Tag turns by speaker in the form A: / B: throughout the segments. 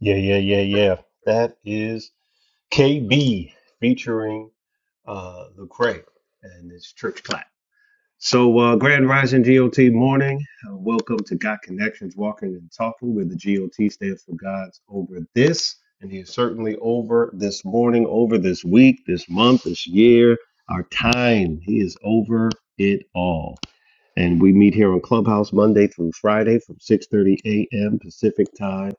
A: Yeah, yeah, yeah, yeah. That is KB featuring uh Lecrae and his church clap. So uh Grand Rising GOT morning. Uh, welcome to God Connections Walking and Talking, where the GOT stands for God's over this, and he is certainly over this morning, over this week, this month, this year, our time. He is over it all. And we meet here on Clubhouse Monday through Friday from 6:30 a.m. Pacific time.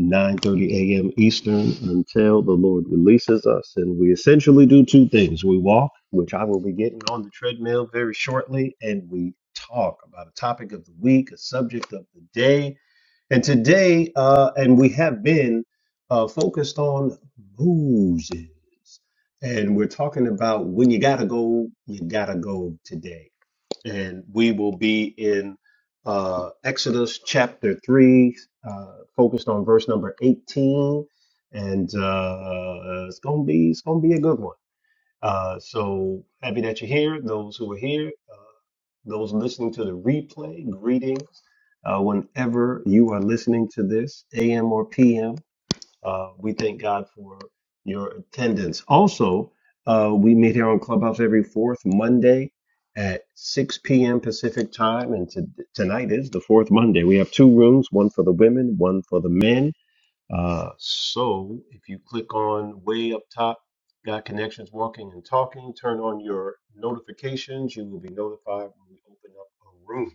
A: 9:30 a.m. Eastern until the Lord releases us. And we essentially do two things. We walk, which I will be getting on the treadmill very shortly, and we talk about a topic of the week, a subject of the day. And today, uh, and we have been uh, focused on Moses. And we're talking about when you gotta go, you gotta go today and we will be in uh, Exodus chapter 3, uh, focused on verse number 18. And uh, it's gonna be it's gonna be a good one. Uh, so happy that you're here. Those who are here, uh, those listening to the replay, greetings. Uh, whenever you are listening to this, AM or PM, uh, we thank God for your attendance. Also, uh, we meet here on Clubhouse every fourth Monday at 6 p.m. Pacific time, and to, tonight is the fourth Monday. We have two rooms, one for the women, one for the men. Uh, so if you click on way up top, Got Connections Walking and Talking, turn on your notifications. You will be notified when we open up a room.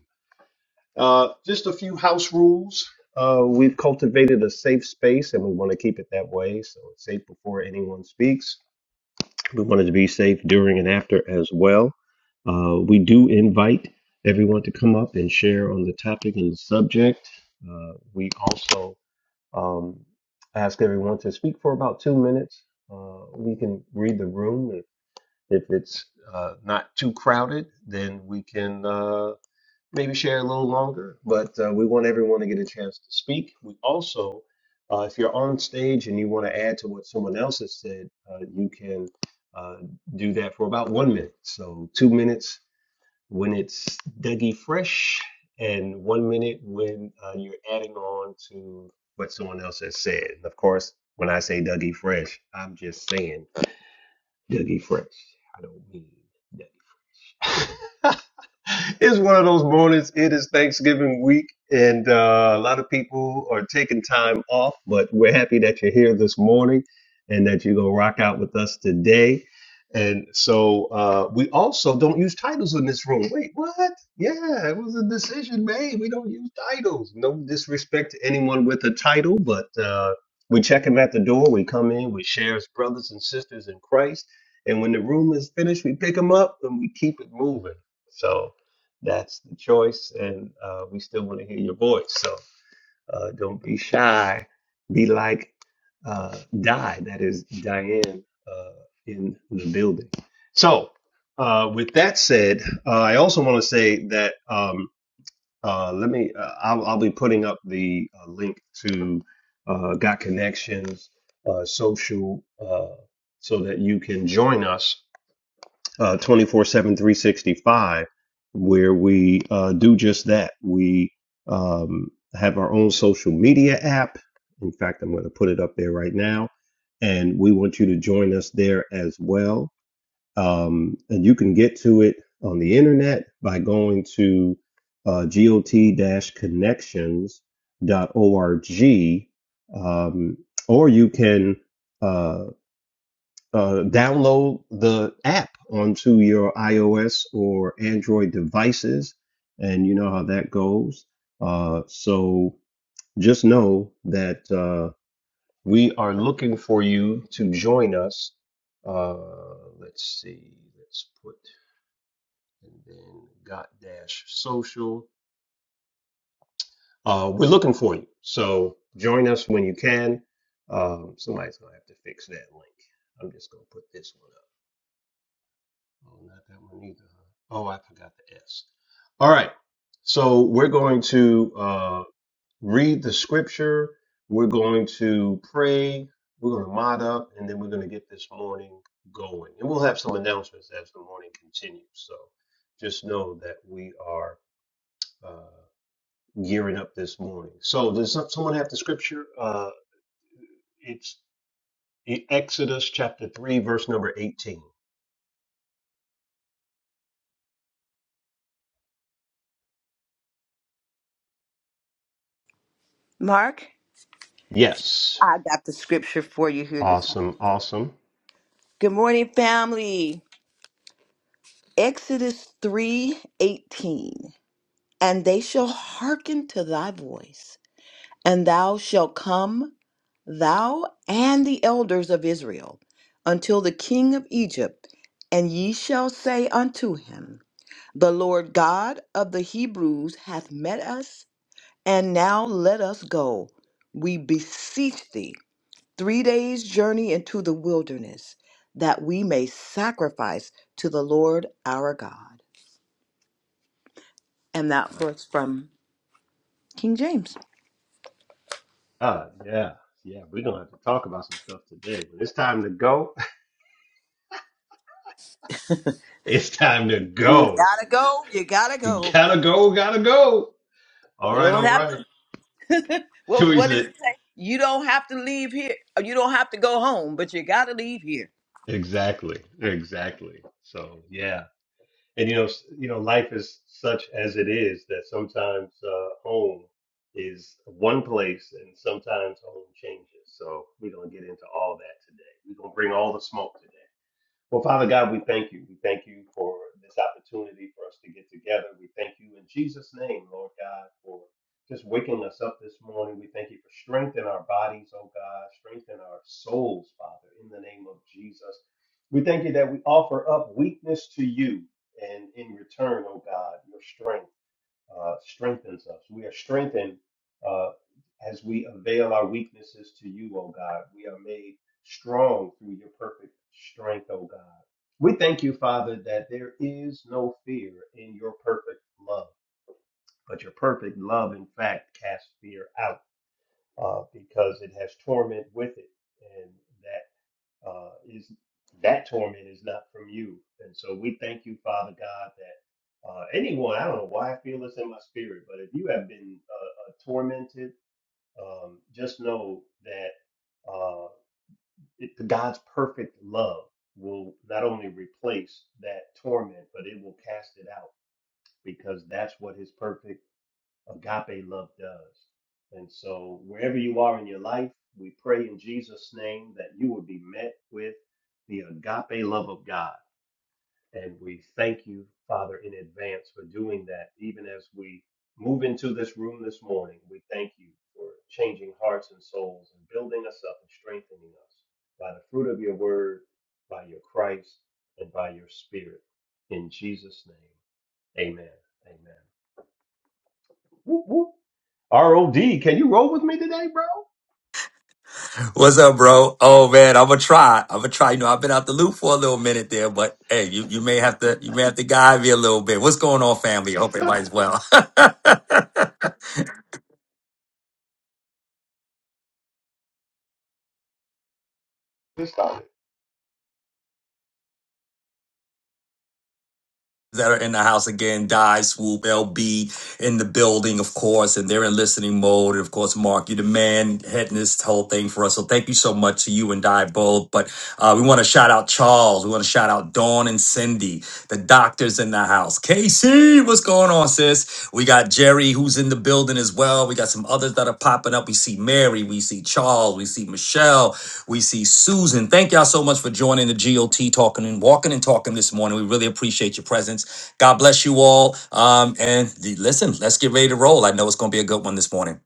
A: Uh, just a few house rules. Uh, we've cultivated a safe space and we want to keep it that way. So it's safe before anyone speaks. We want it to be safe during and after as well. Uh, we do invite everyone to come up and share on the topic and the subject. Uh, we also um, ask everyone to speak for about two minutes. Uh, we can read the room. If, if it's uh, not too crowded, then we can. Uh, maybe share a little longer, but uh, we want everyone to get a chance to speak. We also, uh, if you're on stage and you want to add to what someone else has said, uh, you can uh, do that for about one minute. So, two minutes when it's Dougie Fresh, and one minute when uh, you're adding on to what someone else has said. And of course, when I say Dougie Fresh, I'm just saying Dougie Fresh. I don't mean Dougie it's one of those mornings. It is Thanksgiving week, and uh, a lot of people are taking time off, but we're happy that you're here this morning and that you're going to rock out with us today. And so uh, we also don't use titles in this room. Wait, what? Yeah, it was a decision made. We don't use titles. No disrespect to anyone with a title, but uh, we check them at the door. We come in, we share as brothers and sisters in Christ. And when the room is finished, we pick them up and we keep it moving. So that's the choice, and uh, we still want to hear your voice. So uh, don't be shy. Be like uh, Di, that is Diane uh, in the building. So, uh, with that said, uh, I also want to say that um, uh, let me. Uh, I'll, I'll be putting up the uh, link to uh, Got Connections uh, social uh, so that you can join us uh, 24 seven, three sixty-five, where we uh, do just that we um, have our own social media app in fact i'm going to put it up there right now and we want you to join us there as well um, and you can get to it on the internet by going to uh, got-connections.org um, or you can uh, uh, download the app onto your iOS or Android devices, and you know how that goes. Uh, so just know that uh, we are looking for you to join us. Uh, let's see, let's put and then got dash social. Uh, we're looking for you, so join us when you can. Um, somebody's gonna have to fix that link. I'm just gonna put this one up. Oh, not that one either. huh? Oh, I forgot the S. All right. So we're going to uh, read the scripture. We're going to pray. We're going to mod up, and then we're going to get this morning going. And we'll have some announcements as the morning continues. So just know that we are uh, gearing up this morning. So does some- someone have the scripture? Uh, it's Exodus chapter 3, verse number 18.
B: Mark,
A: Yes.
B: I got the scripture for you here this morning.
A: Awesome. Awesome.
B: Good morning, family. Exodus 3:18. And they shall hearken to thy voice, and thou shalt come, thou and the elders of Israel, until the king of Egypt, and ye shall say unto him, The Lord God of the Hebrews hath met us, and now let us go, we beseech thee three days' journey into the wilderness, that we may sacrifice to the Lord our God. And that
A: My
B: was from King James.
A: God. Yeah. Yeah. We're going to have to talk about some stuff today, but it's time to go. It's time to
B: You
A: go.
B: gotta go. You gotta
A: You
B: go.
A: gotta go. Gotta go. All
B: You
A: right.
B: don't
A: All
B: have
A: right.
B: to. What
A: We
B: What does
A: said
B: it say? You don't have to leave here. or You don't have to go home, but you gotta leave here.
A: exactly. Exactly. So, yeah. and you know s- you know life is such as it is that sometimes uh, home is one place and sometimes home changes so we're going to get into all that today we're going to bring all the smoke today well, Father God, we thank you. We thank you for this opportunity for us to get together. We thank you in Jesus' name, Lord God, for just waking us up this morning. We thank you for strength in our bodies, oh God, strength in our souls, Father, in the name of Jesus. We thank you that we offer up weakness to you, and in return, oh God, your strength uh, strengthens us. We are strengthened uh, as we avail our weaknesses to you, O God. We are made strong through your perfect strength, O God. We thank you, Father, that there is no fear in your perfect love, but your perfect love, in fact, casts fear out uh, because it has torment with it. and that uh, is that torment is not from you. And so we thank you, Father God, that uh, anyone, I don't know why I feel this in my spirit, but if you have been uh, uh, tormented, um, just know that uh, it, God's perfect love will not only replace that torment, but it will cast it out because that's what his perfect Agape love does. And so, wherever you are in your life, we pray in Jesus' name that you will be met with the agape love of God. And we thank you, Father, in advance for doing that. Even as we move into this room this morning, we thank you for changing hearts and souls and building us up and strengthening us by the fruit of your word, by your Christ, and by your spirit. In Jesus' name, amen. Amen. Whoop, whoop. ROD, can you roll with me today, bro?
C: What's up, bro? Oh man, I'ma try. I'ma try. You know, I've been out the loop for a little minute there, but hey, you, you may have to you may have to guide me a little bit. What's going on, family? I hope everybody's well.
A: Let's start
C: that are in the house again. Die, Swoop, LB in the building, of course, and they're in listening mode. And of course, Mark, you're the man heading this whole thing for us. So thank you so much to you and Die both. But uh, we want to shout out Charles. We want to shout out Dawn and Cindy, the doctors in the house. Casey, what's going on, sis? We got Jerry, who's in the building as well. We got some others that are popping up. We see Mary, we see Charles, we see Michelle, we see Susan. Thank y'all so much for joining the GOT talking and walking and talking this morning. We really appreciate your presence. God bless you all. Um, and the, listen, let's get ready to roll. I know it's going to be a good one this morning.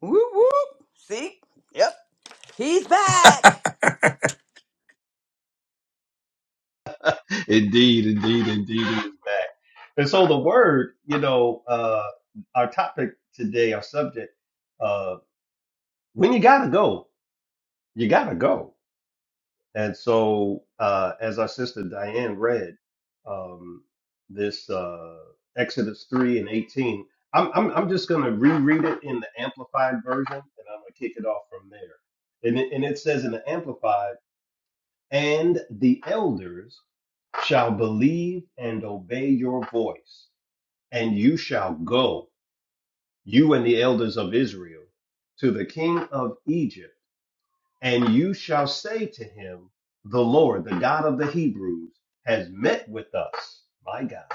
B: Whoop whoop. See? Yep. He's back.
A: it. Indeed, indeed, indeed, it is back. And so the word, you know, uh, our topic today, our subject, uh, when you gotta go, you gotta go. And so, uh, as our sister Diane read, um, this uh, Exodus three and eighteen, I'm, I'm I'm just gonna reread it in the amplified version, and I'm gonna kick it off from there. And it, and it says in the amplified. And the elders shall believe and obey your voice, and you shall go, you and the elders of Israel, to the king of Egypt, and you shall say to him, The Lord, the God of the Hebrews, has met with us, my God.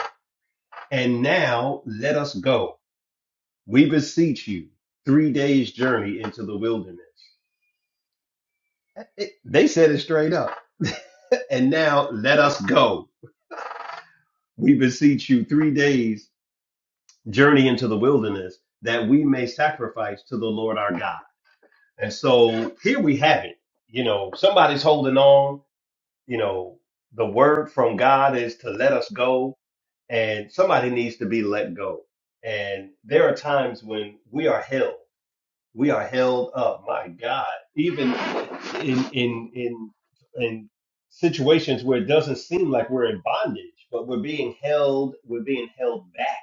A: And now let us go. We beseech you, three days' journey into the wilderness. It- They said it straight up. And now let us go. We beseech you, three days journey into the wilderness that we may sacrifice to the Lord our God. And so here we have it. You know, somebody's holding on. You know, the word from God is to let us go, and somebody needs to be let go. And there are times when we are held. We are held up. My God, even in in in in situations where it doesn't seem like we're in bondage, but we're being held. We're being held back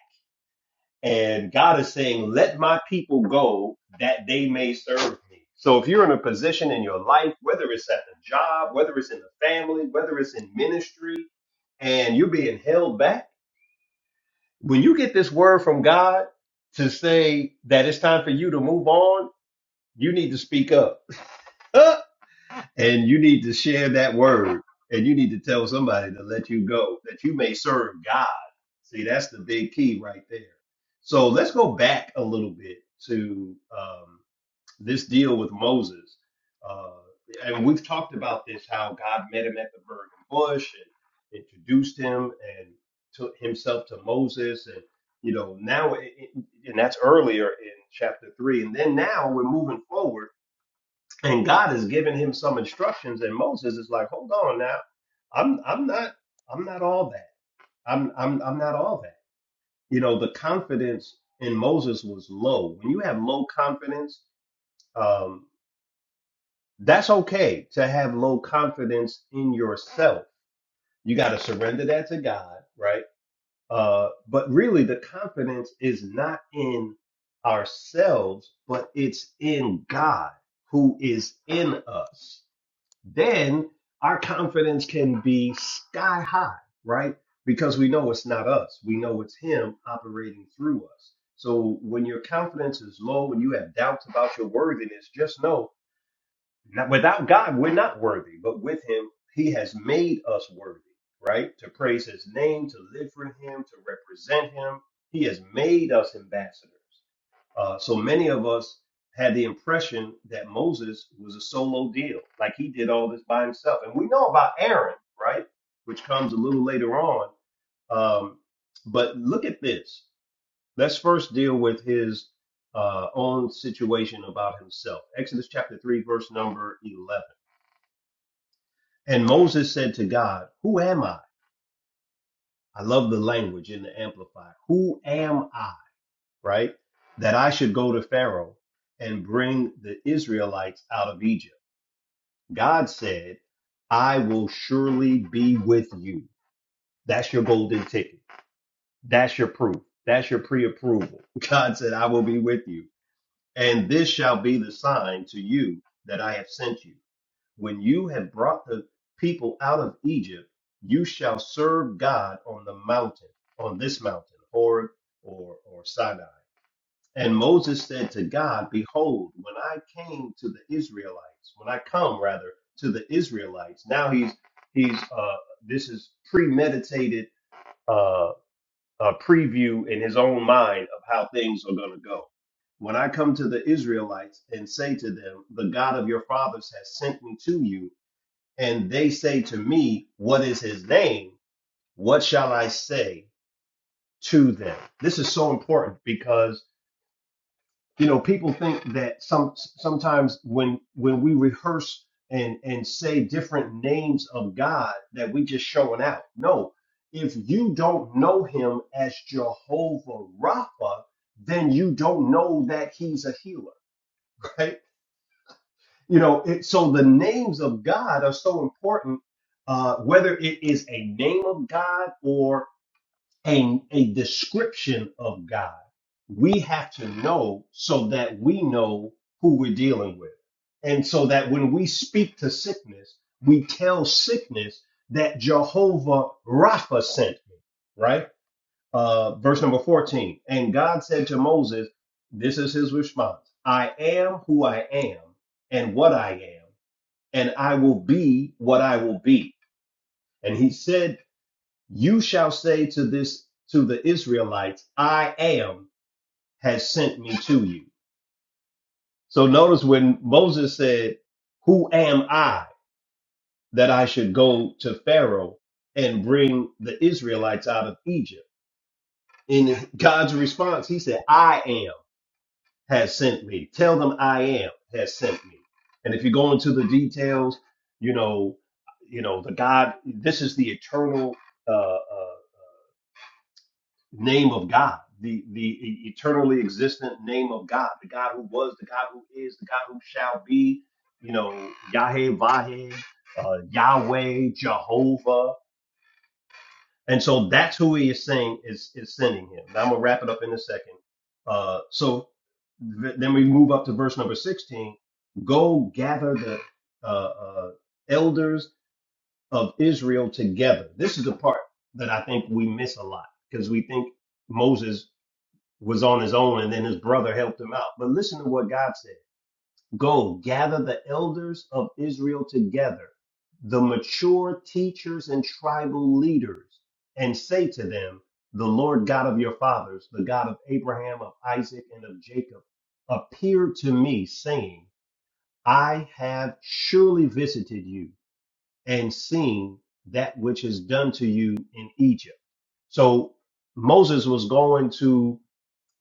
A: and God is saying, let my people go that they may serve me. So if you're in a position in your life, whether it's at the job, whether it's in the family, whether it's in ministry, and you're being held back, when you get this word from God to say that it's time for you to move on, you need to speak up. And you need to share that word and you need to tell somebody to let you go that you may serve God. See, that's the big key right there. So let's go back a little bit to um, this deal with Moses. Uh, and we've talked about this how God met him at the burning bush and introduced him and took himself to Moses. And, you know, now, it, it- and that's earlier in chapter three. And then now we're moving forward and God is giving him some instructions, and Moses is like, "Hold on now, I'm I'm not I'm not all that. I'm I'm I'm not all that." You know, the confidence in Moses was low. When you have low confidence, um, that's okay to have low confidence in yourself. You got to surrender that to God, right? Uh, but really, the confidence is not in ourselves, but it's in God who is in us then our confidence can be sky high, right? Because we know it's not us. We know it's him operating through us. So when your confidence is low, when you have doubts about your worthiness, just know that without God, we're not worthy, but with him, he has made us worthy, right? To praise his name, to live for him, to represent him. He has made us ambassadors. Uh, so many of us had the impression that Moses was a solo deal, like he did all this by himself. And we know about Aaron, right? Which comes a little later on. Um, but look at this. Let's first deal with his uh, own situation about himself. Exodus chapter 3, verse number 11. And Moses said to God, Who am I? I love the language in the Amplifier. Who am I? right? That I should go to Pharaoh and bring the Israelites out of Egypt. God said, I will surely be with you. That's your golden ticket. That's your proof. That's your pre approval. God said, I will be with you. And this shall be the sign to you that I have sent you. When you have brought the people out of Egypt, you shall serve God on the mountain, on this mountain, Horeb or, or Sinai. And Moses said to God, Behold, when I came to the Israelites, when I come rather to the Israelites, now he's he's uh this is premeditated uh a preview in his own mind of how things are gonna go. When I come to the Israelites and say to them, The God of your fathers has sent me to you, and they say to me, What is his name? What shall I say to them? This is so important because you know people think that some sometimes when when we rehearse and and say different names of god that we just showing out no if you don't know him as jehovah rapha then you don't know that he's a healer right you know it, so the names of god are so important uh, whether it is a name of god or a, a description of God. We have to know so that we know who we're dealing with. And so that when we speak to sickness, we tell sickness that Jehovah Rapha sent me, right? Uh, verse number 14. And God said to Moses, This is his response I am who I am and what I am, and I will be what I will be. And he said you shall say to this to the Israelites, I am has sent me to you. So notice when Moses said, Who am I that I should go to Pharaoh and bring the Israelites out of Egypt? In God's response, he said, I am has sent me. Tell them I am has sent me. And if you go into the details, you know, you know, the God, this is the eternal uh, uh, name of God, the, the e- eternally existent name of God, the God who was, the God who is, the God who shall be, you know, Yahweh, Vaheh, uh, Yahweh, Jehovah. And so that's who he is saying is, is sending him. Now I'm going to wrap it up in a second. Uh, so th- then we move up to verse number 16. Go gather the uh, uh, elders of Israel together. This is the part that I think we miss a lot because we think Moses was on his own and then his brother helped him out. But listen to what God said. Go gather the elders of Israel together, the mature teachers and tribal leaders, and say to them, the Lord God of your fathers, the God of Abraham, of Isaac, and of Jacob, appeared to me, saying, I have surely visited you and seen that which is done to you in Egypt. So Moses was going to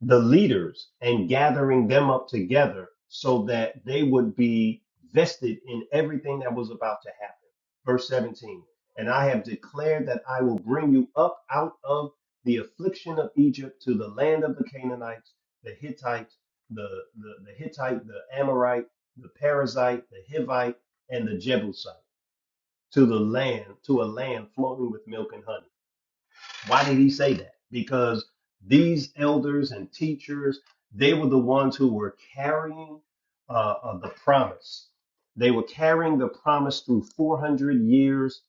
A: the leaders and gathering them up together so that they would be vested in everything that was about to happen. Verse 17, and I have declared that I will bring you up out of the affliction of Egypt to the land of the Canaanites, the Hittites, the, the, the Hittite, the Amorite, the Perizzite, the Hivite, and the Jebusite, to the land, to a land flowing with milk and honey. Why did he say that? Because these elders and teachers, they were the ones who were carrying uh, uh, the promise. They were carrying the promise through 400 years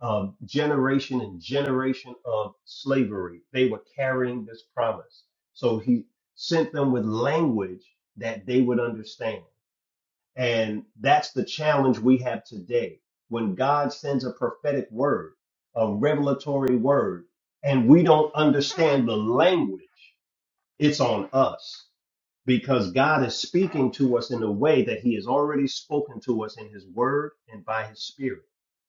A: of generation and generation of slavery. They were carrying this promise. So he sent them with language that they would understand. And that's the challenge we have today. When God sends a prophetic word, a revelatory word, and we don't understand the language, it's on us because God is speaking to us in a way that He has already spoken to us in His Word and by His Spirit.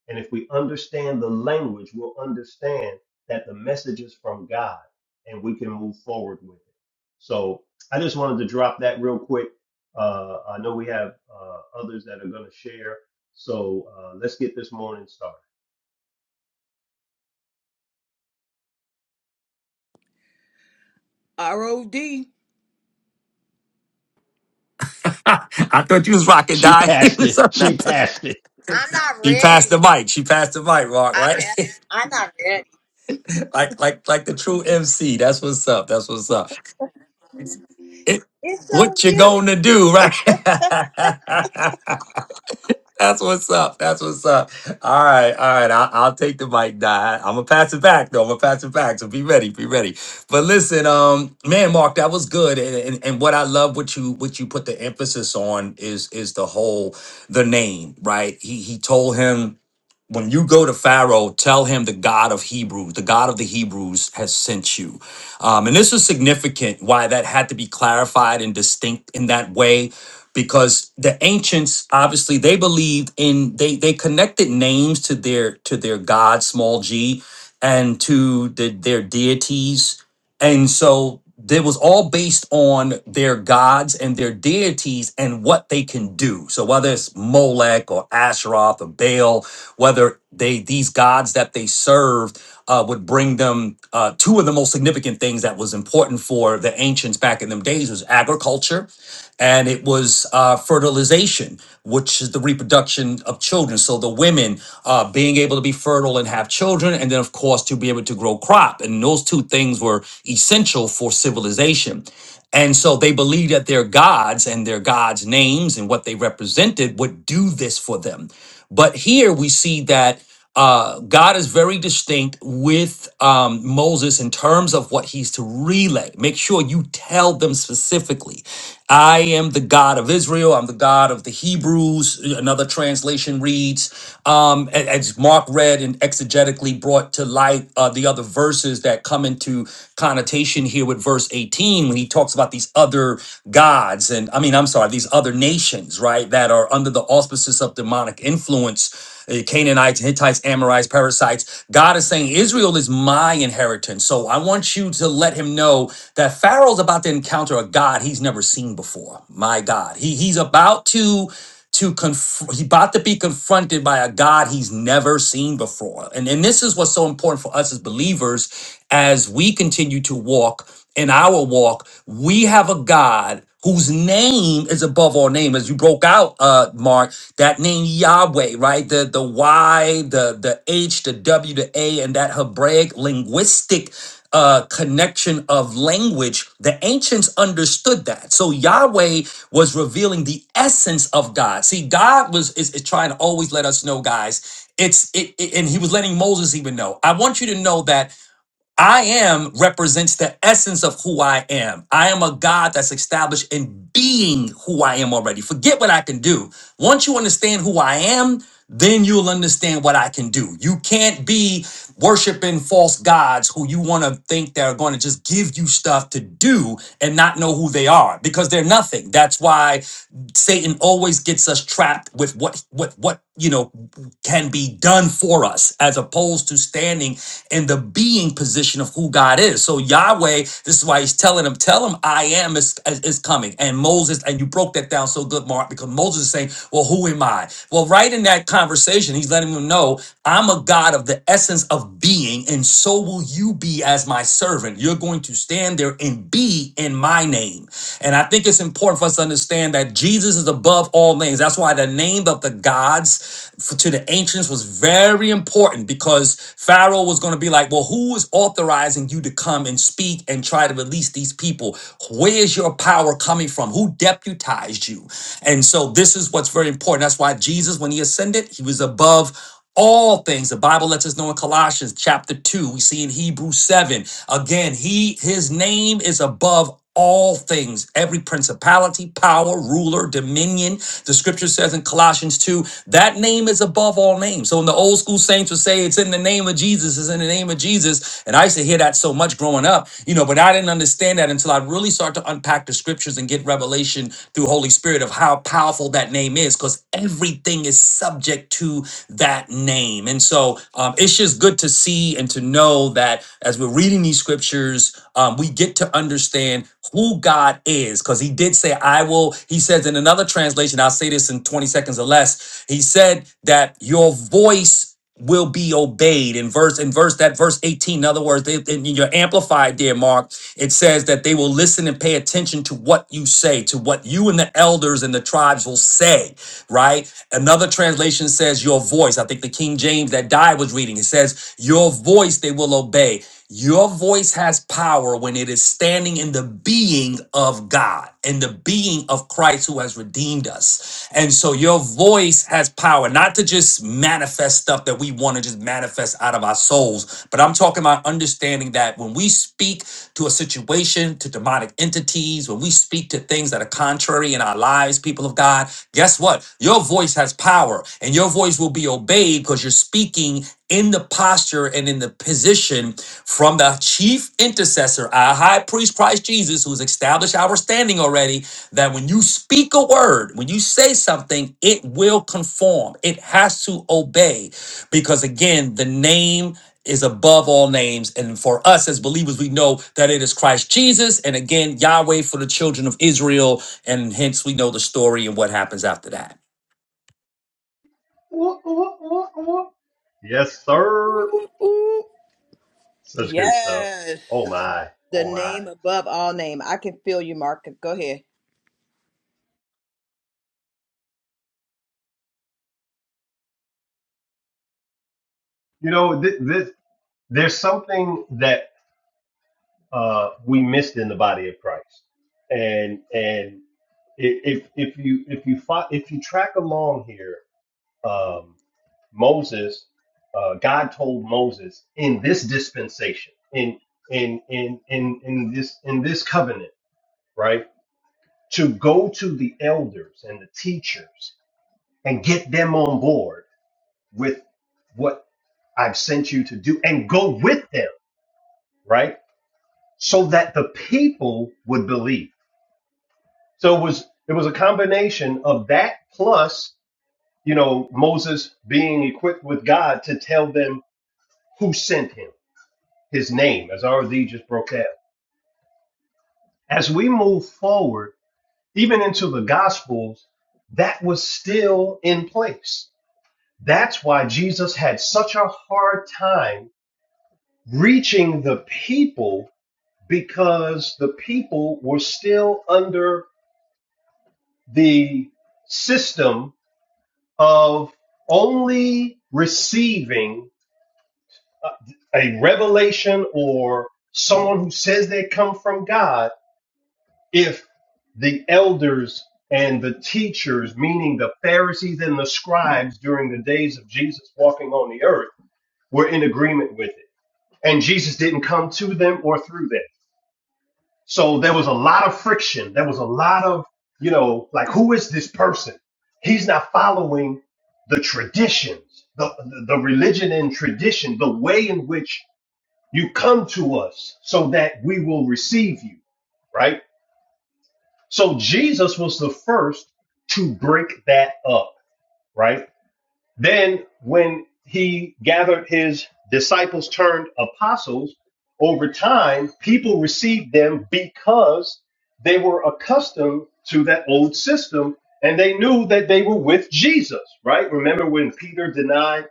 A: And if we understand the language, we'll understand that the message is from God and we can move forward with it. So I just wanted to drop that real quick. Uh, I know we have uh, others that are going to share. So uh, let's get this morning started.
B: R O D.
C: I thought you was rocking,
A: She
C: die. It
A: passed
C: was
A: it.
C: so
A: She
C: nice.
A: passed it.
B: I'm not
C: She passed
B: ready.
C: the mic. She passed the mic, Rock.
B: I
C: Right?
B: passed. I'm not ready.
C: like, like, like the true MC. That's what's up. That's what's up. It,
B: It's so
C: what you
B: you.
C: gonna do, right? That's what's up. That's what's up. All right, all right. I'll, I'll take the mic, Dot. I'm gonna pass it back, though. I'm gonna pass it back. So be ready, be ready. But listen, um, man, Mark, that was good. And, and and what I love what you what you put the emphasis on is is the whole the name, right? He he told him when you go to Pharaoh, tell him the God of Hebrews, the God of the Hebrews has sent you. Um, and this is significant why that had to be clarified and distinct in that way, because the ancients obviously they believed in they they connected names to their to their god small g and to the, their deities and so it was all based on their gods and their deities and what they can do. So whether it's Molech or Asheroth or Baal, whether they these gods that they served uh, would bring them uh, two of the most significant things that was important for the ancients back in them days was agriculture and it was uh, fertilization, which is the reproduction of children. So the women uh, being able to be fertile and have children, and then of course to be able to grow crop. And those two things Egyptians were essential for civilization. And so they believed that their gods and their gods' names and what they represented would do this for them. But here we see that uh, God is very distinct with um, Moses in terms of what he's to relay. Make sure you tell them specifically. I am the God of Israel. I'm the God of the Hebrews. Another translation reads, um, a- as Mark read and exegetically brought to light uh, the other verses that come into connotation here with verse 18 when he talks about these other gods. And I mean, I'm sorry, these other nations, right, that are under the auspices of demonic influence uh, Canaanites, Hittites, Amorites, Parasites. God is saying, Israel is my inheritance. So I want you to let him know that Pharaoh's about to encounter a God he's never seen before. My God. He, he's about to to conf- he's about to be confronted by a God he's never seen before. And, and this is what's so important for us as believers as we continue to walk in our walk. We have a God whose name is above all name as you broke out uh mark that name yahweh right the the y the the h the w the a and that hebraic linguistic uh connection of language the ancients understood that so yahweh was revealing the essence of god see god was is, is trying to always let us know guys it's it, it- and he was letting moses even know i want you to know that I am represents the essence of who I am. I am a God that's established in being who I am already. Forget what I can do. Once you understand who I am, then you'll understand what I can do. You can't be worshiping false gods who you want to think they're going to just give you stuff to do and not know who they are because they're nothing. That's why Satan always gets us trapped with what what what you know can be done for us as opposed to standing standing in the being position of who God is. So Yahweh, this is why he's telling him, tell him I am is, is, is coming. And Moses, and you broke that down so good, Mark, because Moses is saying, well, who am I? Well, right in that conversation, he's letting him know I'm a God of the essence of being, and so will you be as my servant. You're going to stand there and be in my name. And I think it's important for us to understand that Jesus is above all names. That's why the name of the gods to the ancients was very very important because Pharaoh was going to be like, Well, who is authorizing you to come and speak and try to release these people? Where's your power coming from? Who deputized you? And so, this is what's very important. That's why Jesus, when he ascended, he was above all things the bible lets us know in colossians chapter 2 we see in hebrews 7 again he his name is above all things, every principality, power, ruler, dominion. The scripture says in Colossians 2, that name is above all names. So in the old school saints would say, it's in the name of Jesus, it's in the name of Jesus. And I used to hear that so much growing up, you know, but I didn't understand that until I really start to unpack the scriptures and get revelation through Holy Spirit of how powerful that name is, because everything is subject to that name. And so um, it's just good to see and to know that as we're reading these scriptures, um, we get to understand who God is because he did say, I will. He says in another translation, I'll say this in 20 seconds or less. He said that your voice will be obeyed in verse in verse that verse 18 in other words they, in your amplified there mark it says that they will listen and pay attention to what you say to what you and the elders and the tribes will say right another translation says your voice i think the king james that died was reading it says your voice they will obey your voice has power when it is standing in the being of God and the being of Christ who has redeemed us. And so your voice has power, not to just manifest stuff that we want to just manifest out of our souls, but I'm talking about understanding that when we speak to a situation, to demonic entities, when we speak to things that are contrary in our lives, people of God, guess what? Your voice has power and your voice will be obeyed because you're speaking in the posture and in the position from the chief intercessor, our high priest Christ Jesus, who's established our standing already, that when you speak a word, when you say something, it will conform. It has to obey. Because again, the name is above all names. And for us as believers, we know that it is Christ Jesus and again, Yahweh for the children of Israel. And hence we know the story and what happens after that.
A: Yes, sir.
B: Whoop, whoop.
A: Such good stuff.
B: Yes.
A: Oh my,
B: the
A: oh my.
B: name above all name. I can feel you, Mark. Go ahead.
A: You know, th- this there's something that uh, we missed in the body of Christ, and and i- if if you if you fo- if you track along here, um, Moses, uh, God told Moses in this dispensation, in in in in in this in this covenant, right, to go to the elders and the teachers and get them on board with what I've sent you to do and go with them, right? So that the people would believe. So it was it was a combination of that plus, you know, Moses being equipped with God to tell them who sent him, his name, as RZ just broke out. As we move forward, even into the gospels, that was still in place. That's why Jesus had such a hard time reaching the people because the people were still under the system of only receiving uh, a revelation or someone who says they come from God if the elders and the teachers, meaning the Pharisees and the scribes during the days of Jesus walking on the earth, were in agreement with it. And Jesus didn't come to them or through them. So there was a lot of friction. There was a lot of, you know, like, who is this person? He's not following the traditions, the, the, the religion and tradition, the way in which you come to us so that we will receive you, right? So Jesus was the first to break that up, right? Then, when he gathered his disciples turned apostles, over time, people received them because they were accustomed to that old system and they knew that they were with Jesus, right? Remember when Peter denied,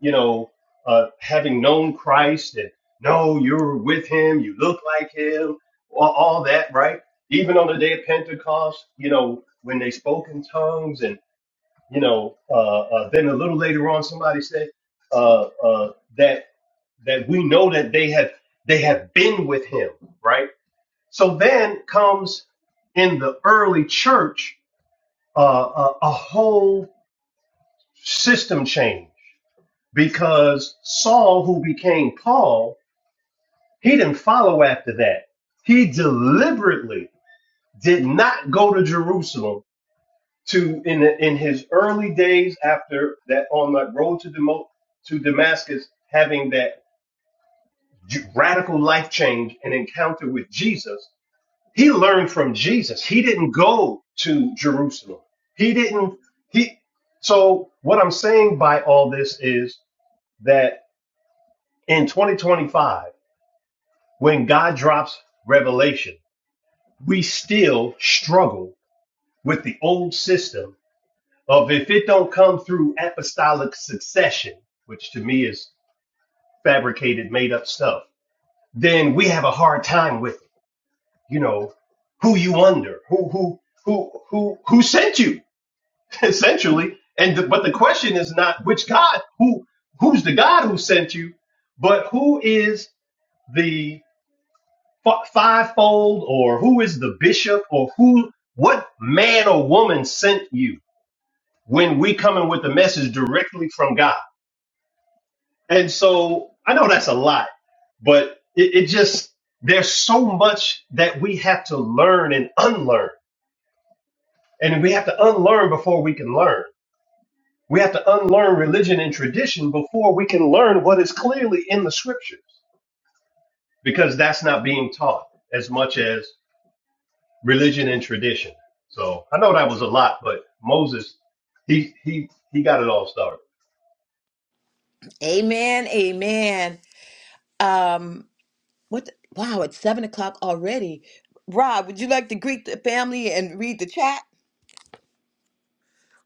A: you know, uh, having known Christ and no, you're with him, you look like him, all all that, right? Even on the day of Pentecost, you know, when they spoke in tongues and you know, uh, uh, then a little later on, somebody said uh, uh, that that we know that they have they have been with him, right? So then comes in the early church uh, a, a whole system change because Saul, who became Paul, he didn't follow after that. He deliberately did not go to Jerusalem to in the, in his early days after that on the road to Demo- to Damascus, having that radical life change and encounter with Jesus, he learned from Jesus. He didn't go to Jerusalem. He didn't he. So what I'm saying by all this is that in 2025, when God drops revelation, we still struggle with the old system of if it don't come through apostolic succession, which to me is fabricated, made up stuff, then we have a hard time with it. You know, who you under, who who who who who sent you, essentially. And the, but the question is not which God, who who's the God who sent you, but who is the f- fivefold, or who is the bishop, or who what man or woman sent you? When we come in with the message directly from God. And so I know that's a lot, but it, it just, there's so much that we have to learn and unlearn. And we have to unlearn before we can learn. We have to unlearn religion and tradition before we can learn what is clearly in the scriptures, because that's not being taught as much as religion and tradition. So I know that was a lot, but Moses, he he he got it all started.
B: Amen. Amen. Um, what the- wow, it's seven o'clock already. Rob, would you like to greet the family and read the chat?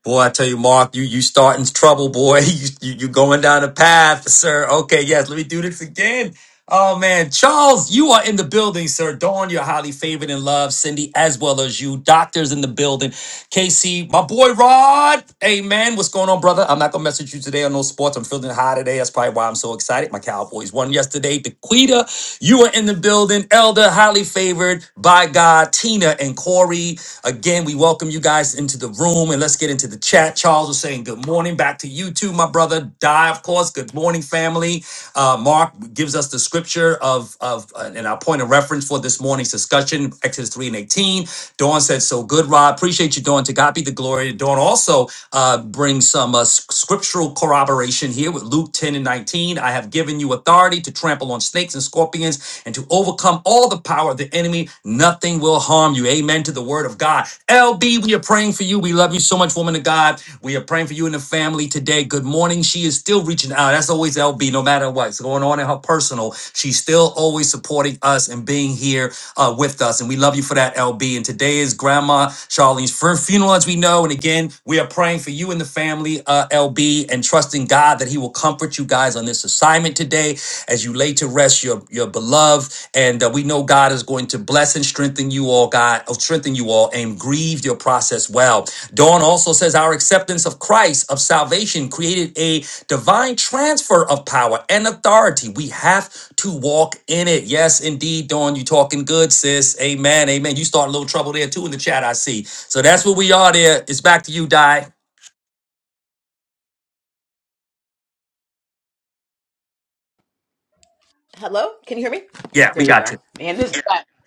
C: Boy, I tell you, Mark, you you starting trouble, boy. You you you going down a path, sir. Okay, yes, let me do this again. Oh man, Charles, you are in the building, sir. Dawn, you're highly favored and loved. Cindy, as well as you. Doctors in the building. KC, my boy Rod. Hey man, what's going on, brother? I'm not gonna message you today on no sports. I'm feeling high today. That's probably why I'm so excited. My Cowboys won yesterday. Dequita, you are in the building. Elder, highly favored by God. Tina and Corey. Again, we welcome you guys into the room and let's Let's get into the chat. Charles was saying good morning. Back to you too, my brother. Die, of course. Good morning, family. Uh, Mark gives us the scripture of of uh, and our point of reference for this morning's discussion, Exodus 3 and 18. Dawn said, so good, Rod. Appreciate you, Dawn. To God be the glory. Dawn also uh, brings some uh, s- scriptural corroboration here with Luke 10 and 19. I have given you authority to trample on snakes and scorpions and to overcome all the power of the enemy. Nothing will harm you. Amen to the word of God. LB, we are praying for you. We love Love you so much, woman of God. We are praying for you and the family today. Good morning. She is still reaching out. That's always LB, no matter what's going on in her personal. She's still always supporting us and being here uh, with us. And we love you for that, LB. And today is Grandma Charlene's first funeral, as we know. And again, we are praying for you and the family, uh, LB, and trusting God that He will comfort you guys on this assignment today as you lay to rest your, your beloved. And uh, we know God is going to bless and strengthen you all, God, oh, strengthen you all, and grieve your process well. Dawn also says our acceptance of Christ, of salvation, created a divine transfer of power and authority. We have to walk in it. Yes, indeed, Dawn, you talking good, sis. Amen, amen. You start a little trouble there too in the chat, I see. So that's where we are there. It's back to you, Di.
B: Hello? Can you hear me?
C: Yeah, we
B: There you
C: got you.
B: go. Man, this button,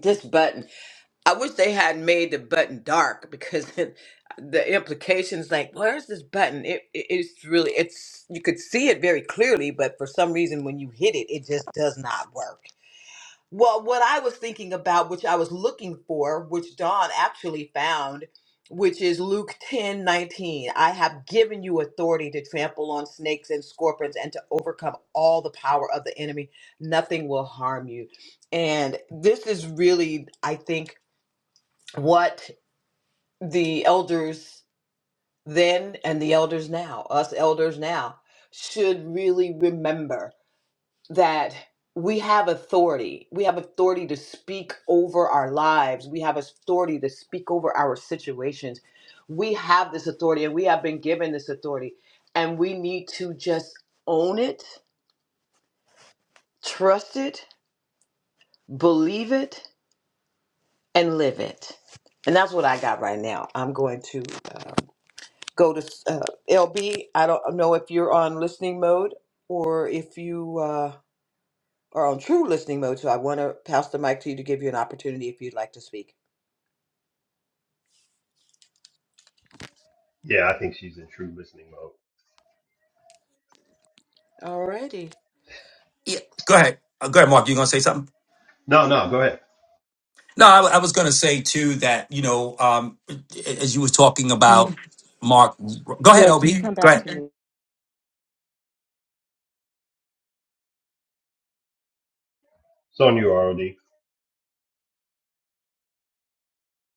B: this button. I wish they had made the button dark because the implications like, where's this button? It, it it's really it's you could see it very clearly, but for some reason when you hit it, it just does not work. Well, what I was thinking about, which I was looking for, which Don actually found, which is Luke ten nineteen. I have given you authority to trample on snakes and scorpions and to overcome all the power of the enemy. Nothing will harm you. And this is really, I think, what the elders then and the elders now, us elders now, should really remember that we have authority. We have authority to speak over our lives. We have authority to speak over our situations. We have this authority and we have been given this authority. And we need to just own it, trust it, believe it, and live it. And that's what I got right now. I'm going to go to uh, LB. I don't know if you're on listening mode or if you. Uh, are on true listening mode. So I want to pass the mic to you to give you an opportunity if you'd like to speak.
A: Yeah, I think she's in true listening mode.
B: Alrighty.
C: Yeah, go ahead. Uh, Go ahead, Mark. You gonna say something?
A: No, no, go ahead.
C: No, I, I was gonna say too that you know, um, as you was talking
D: Can
C: about
D: you?
C: Mark. Go ahead,
D: Yeah,
C: Ob.
D: just
C: Go
D: come back
C: ahead.
D: to me.
A: It's on you, ROD.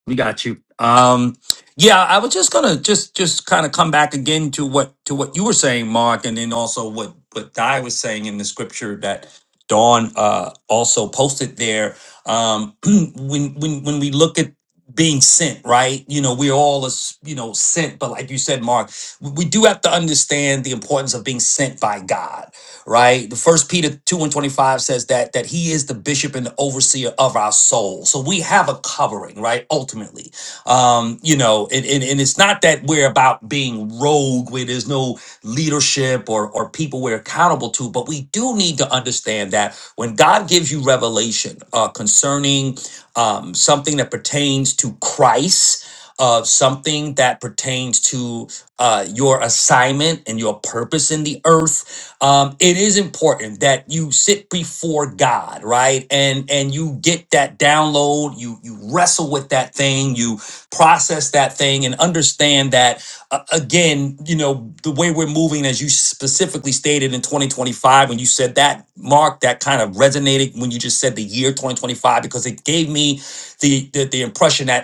C: We got you. Um, yeah, I was just gonna just just kind of come back again to what to what you were saying, Mark, and then also what what Di was saying in the scripture that Dawn uh, also posted there. Um, when when when we look at being sent, right? You know, we're all as you know sent, but like you said, Mark, we we do have to understand the importance of being sent by God right? The first Peter 2 and 25 says that that he is the bishop and the overseer of our soul. So we have a covering, right? Ultimately. Um, you know, and, and, and it's not that we're about being rogue where there's no leadership or, or people we're accountable to, but we do need to understand that when God gives you revelation uh, concerning um, something that pertains to Christ, uh, something that pertains to uh, your assignment and your purpose in the earth. Um, it is important that you sit before God, right? And and you get that download. You you wrestle with that thing. You process that thing and understand that uh, again you know the way we're moving as you specifically stated in 2025 when you said that mark that kind of resonated when you just said the year 2025 because it gave me the the, the impression that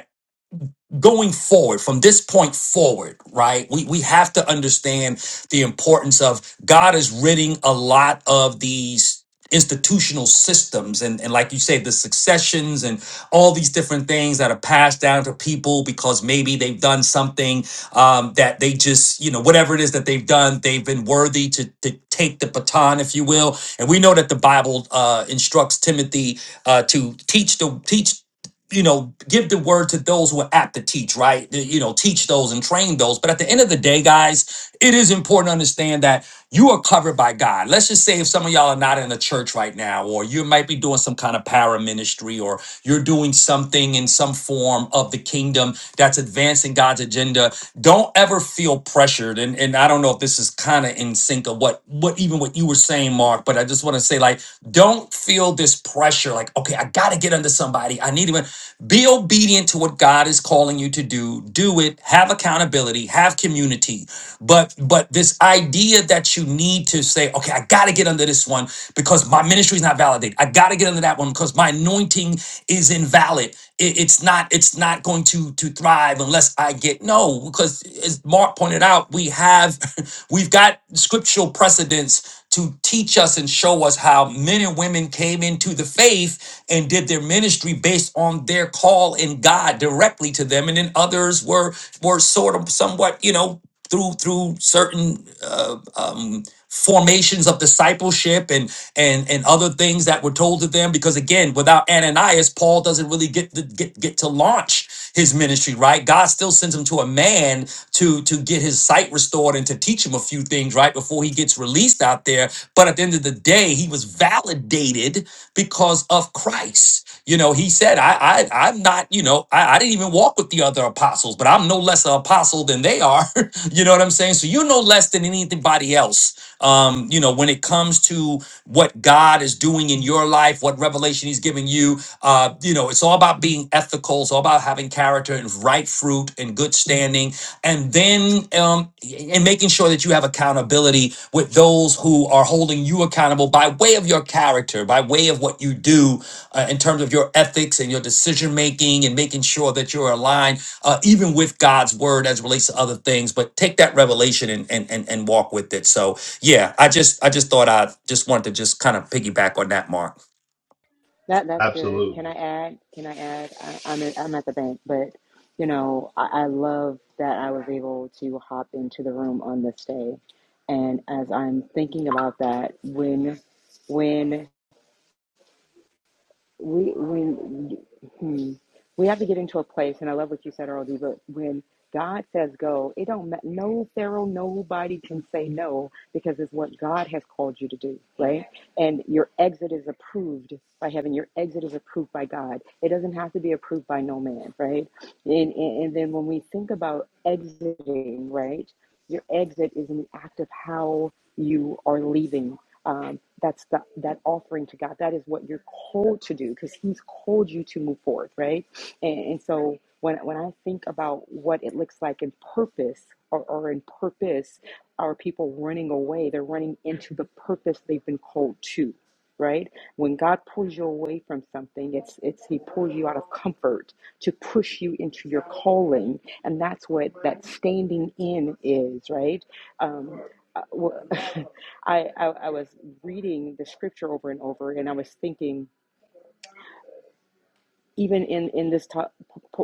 C: going forward from this point forward right we we have to understand the importance of god is ridding a lot of these institutional systems and and like you say the successions and all these different things that are passed down to people because maybe they've done something um, that they just you know whatever it is that they've done they've been worthy to to take the baton if you will and we know that the bible uh, instructs timothy uh, to teach the teach you know, give the word to those who are apt to teach, right? You know, teach those and train those. But at the end of the day, guys, it is important to understand that you are covered by God. Let's just say if some of y'all are not in a church right now, or you might be doing some kind of para ministry, or you're doing something in some form of the kingdom that's advancing God's agenda. Don't ever feel pressured. And and I don't know if this is kind of in sync of what what even what you were saying, Mark, but I just want to say like, don't feel this pressure, like, okay, I gotta get under somebody. I I need to Be obedient to what God is calling you to do. Do it. Have accountability. Have community. But but this idea that you need to say, okay, I got to get under this one because my ministry is not validated. I got to get under that one because my anointing is invalid. It- it's not. It's not going to to thrive unless I get no. Because as Mark pointed out, we have we've got scriptural precedents to teach us and show us how men and women came into the faith and did their ministry based on their call in God directly to them, and then others were were sort of somewhat, you know, through through certain uh, um, formations of discipleship and and and other things that were told to them. Because again, without Ananias, Paul doesn't really get to, get get to launch his ministry, right? God still sends him to a man to to get his sight restored and to teach him a few things, right, before he gets released out there. But at the end of the day, he was validated because of Christ. You know, he said, I, I I'm not, you know, I, I didn't even walk with the other apostles, but I'm no less an apostle than they are. you know what I'm saying? So you're no less than anything anybody else. Um, you know, when it comes to what God is doing in your life, what revelation He's giving you, uh, you know, it's all about being ethical. It's all about having character and right fruit and good standing, and then um, and making sure that you have accountability with those who are holding you accountable by way of your character, by way of what you do uh, in terms of your ethics and your decision making, and making sure that you're aligned uh, even with God's word as it relates to other things, but take that revelation and, and and and walk with it. So yeah, I just I just thought I just wanted to just kind of piggyback on that, Mark.
D: That that's good. Can
A: Absolutely.
D: I add? Can I add? I, I'm at, I'm at the bank, but you know I, I love that I was able to hop into the room on this day, and as I'm thinking about that, when when we when hmm, we have to get into a place and i love what you said earlier but when god says go it don't ma- no pharaoh nobody can say no because it's what god has called you to do right and your exit is approved by heaven your exit is approved by god it doesn't have to be approved by no man right and, and, and then when we think about exiting right your exit is an act of how you are leaving um, that's the, that offering to god that is what you're called to do because he's called you to move forward right and, and so when, when i think about what it looks like in purpose or, or in purpose our people running away they're running into the purpose they've been called to right when god pulls you away from something it's it's he pulls you out of comfort to push you into your calling and that's what that standing in is right Um, I I I, I was reading the scripture over and over, and I was thinking even in in this to-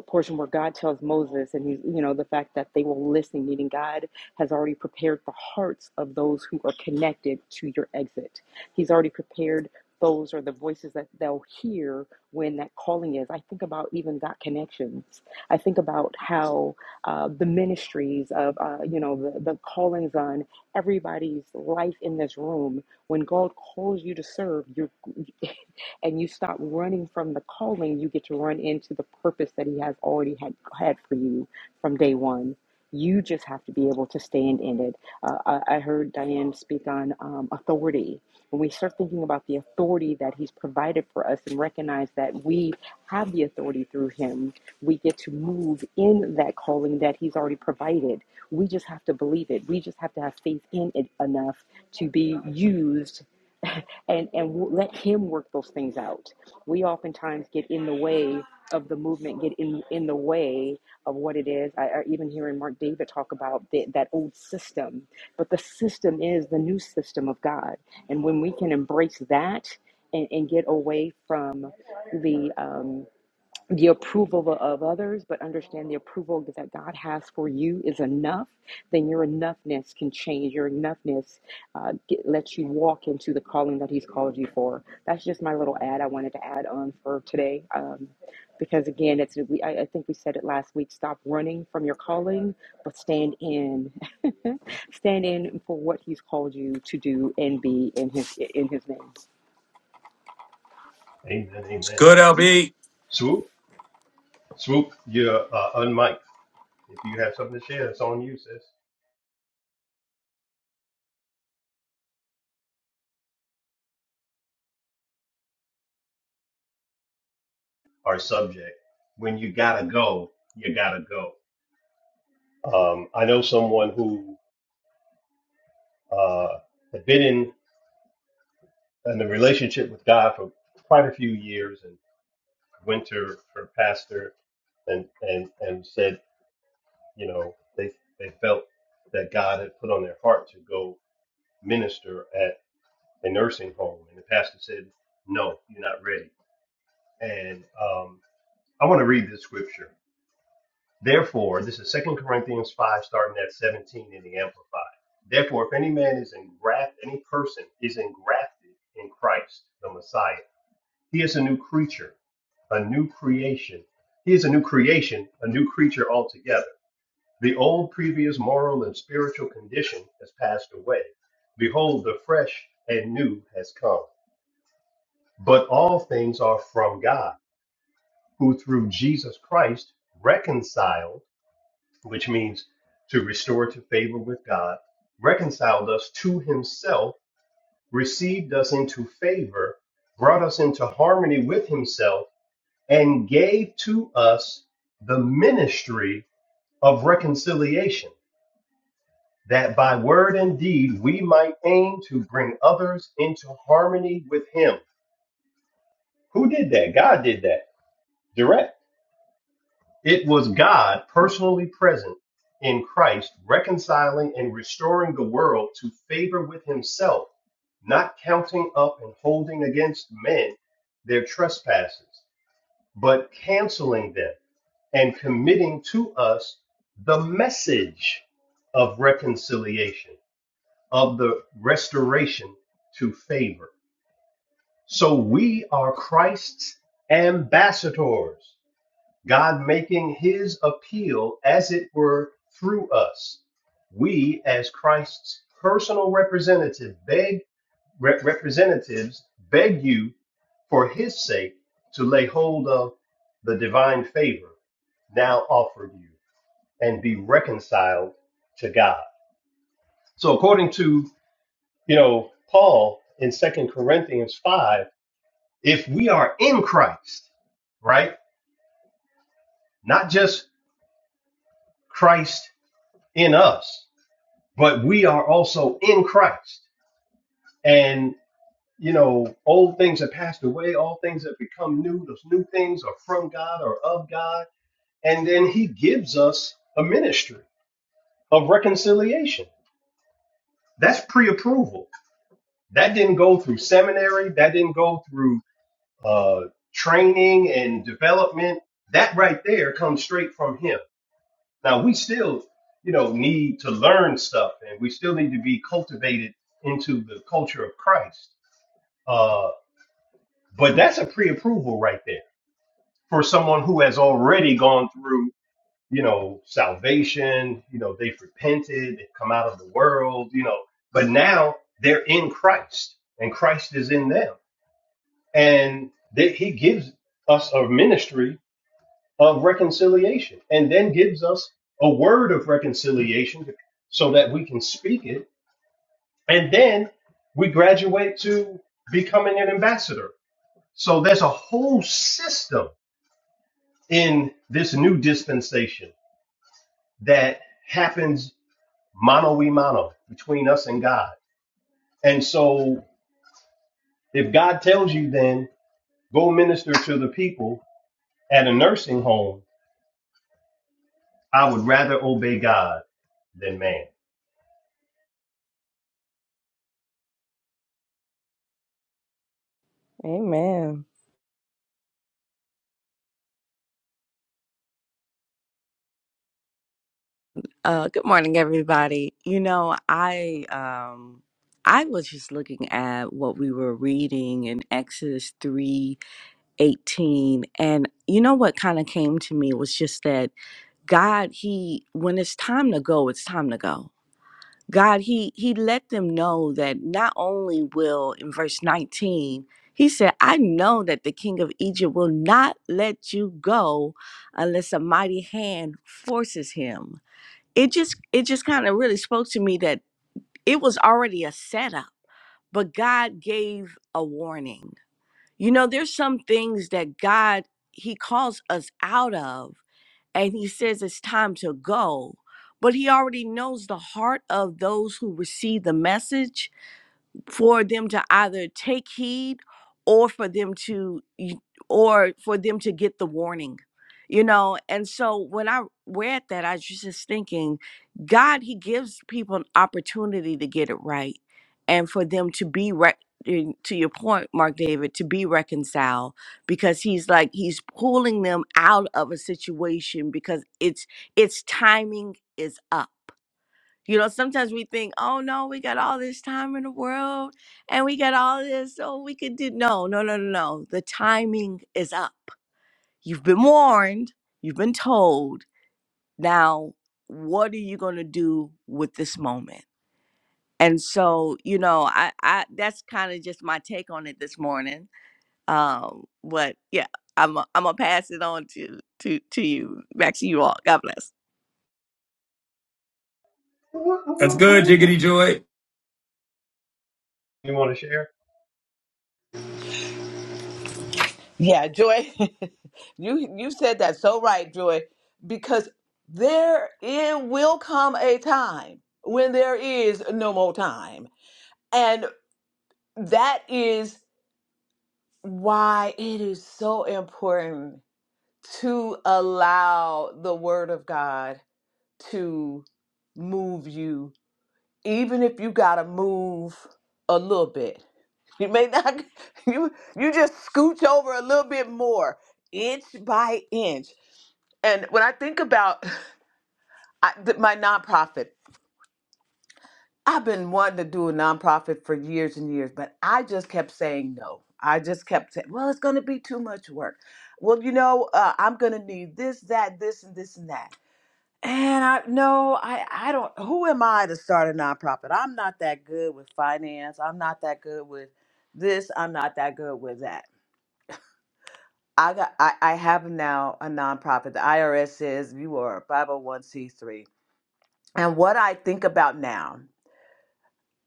D: portion where God tells Moses, and he's you know the fact that they will listen, meaning God has already prepared the hearts of those who are connected to your exit. He's already prepared those or the voices that they'll hear when that calling is. I think about even God connections. I think about how uh, the ministries of uh, you know the, the callings on everybody's life in this room. When God calls you to serve, you are and you stop running from the calling, you get to run into the purpose that He has already had, had for you from day one. You just have to be able to stand in it. Uh, I, I heard Diane speak on um, authority. When we start thinking about the authority that He's provided for us and recognize that we have the authority through Him, we get to move in that calling that He's already provided. We just have to believe it. We just have to have faith in it enough to be used and and let him work those things out we oftentimes get in the way of the movement get in in the way of what it is i, I even hearing mark david talk about the, that old system but the system is the new system of god and when we can embrace that and, and get away from the um, the approval of others, but understand the approval that God has for you is enough, then your enoughness can change. Your enoughness uh, get, lets you walk into the calling that He's called you for. That's just my little ad I wanted to add on for today. Um, because again, it's we, I, I think we said it last week. Stop running from your calling, but stand in, stand in for what He's called you to do and be in His in His name.
A: Amen.
C: It's
A: Amen.
C: good,
A: Woo-hoo.
C: LB.
A: Swoop, swoop, you're uh, unmiked. If you have something to share, it's on you, sis. Our subject. When you gotta go, you gotta go. Um, I know someone who uh, had been in, in a relationship with God for quite a few years and went to her pastor and, and, and said, you know, they, they felt that God had put on their heart to go minister at a nursing home. And the pastor said, no, you're not ready And um, I want to read this scripture. Therefore, this is Second Corinthians 5, starting at 17 in the Amplified. Therefore, if any man is engrafted, any person is engrafted in Christ, the Messiah, he is a new creature, a new creation. He is a new creation, a new creature altogether. The old previous moral and spiritual condition has passed away. Behold, the fresh and new has come. But all things are from God who through Jesus Christ reconciled, which means to restore to favor with God, reconciled us to himself, received us into favor, brought us into harmony with himself, and gave to us the ministry of reconciliation, that by word and deed we might aim to bring others into harmony with him. Who did that? God did that direct. It was God personally present in Christ, reconciling and restoring the world to favor with himself, not counting up and holding against men their trespasses, but canceling them and committing to us the message of reconciliation, of the restoration to favor. So we are Christ's ambassadors God making his appeal, as it were, through us. We, as Christ's personal representative, beg, rep- representatives, beg you for his sake to lay hold of the divine favor now offered you and be reconciled to God. So according to, you know, Paul in Second Corinthians 5, if we are in Christ, right? Not just Christ in us, but we are also in Christ. And, you know, old things have passed away, all things have become new. Those new things are from God or of God. And then He gives us a ministry of reconciliation. That's pre approval. That didn't go through seminary, that didn't go through uh, training and development. That right there comes straight from Him. Now, we still, you know, need to learn stuff and we still need to be cultivated into the culture of Christ Uh, but that's a pre-approval right there for someone who has already gone through, you know, salvation. You know, they've repented, they've come out of the world. You know, but now they're in Christ, and Christ is in them, and that He gives us a ministry of reconciliation, and then gives us a word of reconciliation so that we can speak it, and then we graduate to becoming an ambassador. So there's a whole system in this new dispensation that happens mano a mano between us and God. And so if God tells you then go minister to the people at a nursing home, I would rather obey God than man.
E: Amen. Uh, good morning, everybody. You know, I um, I was just looking at what we were reading in Exodus three eighteen, and you know what kind of came to me was just that God, He, when it's time to go, it's time to go. God, He He let them know that not only will in verse nineteen. He said, I know that the king of Egypt will not let you go unless a mighty hand forces him. it just it just kind of really spoke to me that it was already a setup but god gave a warning you know there's some things that god he calls us out of and he says it's time to go but he already knows the heart of those who receive the message for them to either take heed or for them to y- or for them to get the warning you know and so when i read that i was just thinking god he gives people an opportunity to get it right and for them to be right to your point mark david to be reconciled because he's like he's pulling them out of a situation because it's it's timing is up you know, sometimes we think, oh no, we got all this time in the world and we got all this, so we could do. No, no, no, no, no. The timing is up. You've been warned, you've been told. Now, what are you going to do with this moment? And so, you know, I, I that's kind of just my take on it this morning. Um, but yeah, I'm going I'm gonna pass it on to to to you, back to you all. God bless.
C: That's good,
A: You
C: Jiggity Joy.
A: want to share?
B: Yeah, Joy, you you said that so right, Joy, because there it will come a time when there is no more time. And that is why it is so important to allow the word of God to move you even if you gotta move a little bit you may not you you just scooch over a little bit more inch by inch and when i think about I, th- my nonprofit i've been wanting to do a nonprofit for years and years but i just kept saying no i just kept saying well it's going to be too much work well you know uh, i'm going to need this that this and this and that And I no, I I don't. Who am I to start a nonprofit? I'm not that good with finance. I'm not that good with this. I'm not that good with that. I got. I, I have now a nonprofit. The IRS says you are a 501c3. And what I think about now,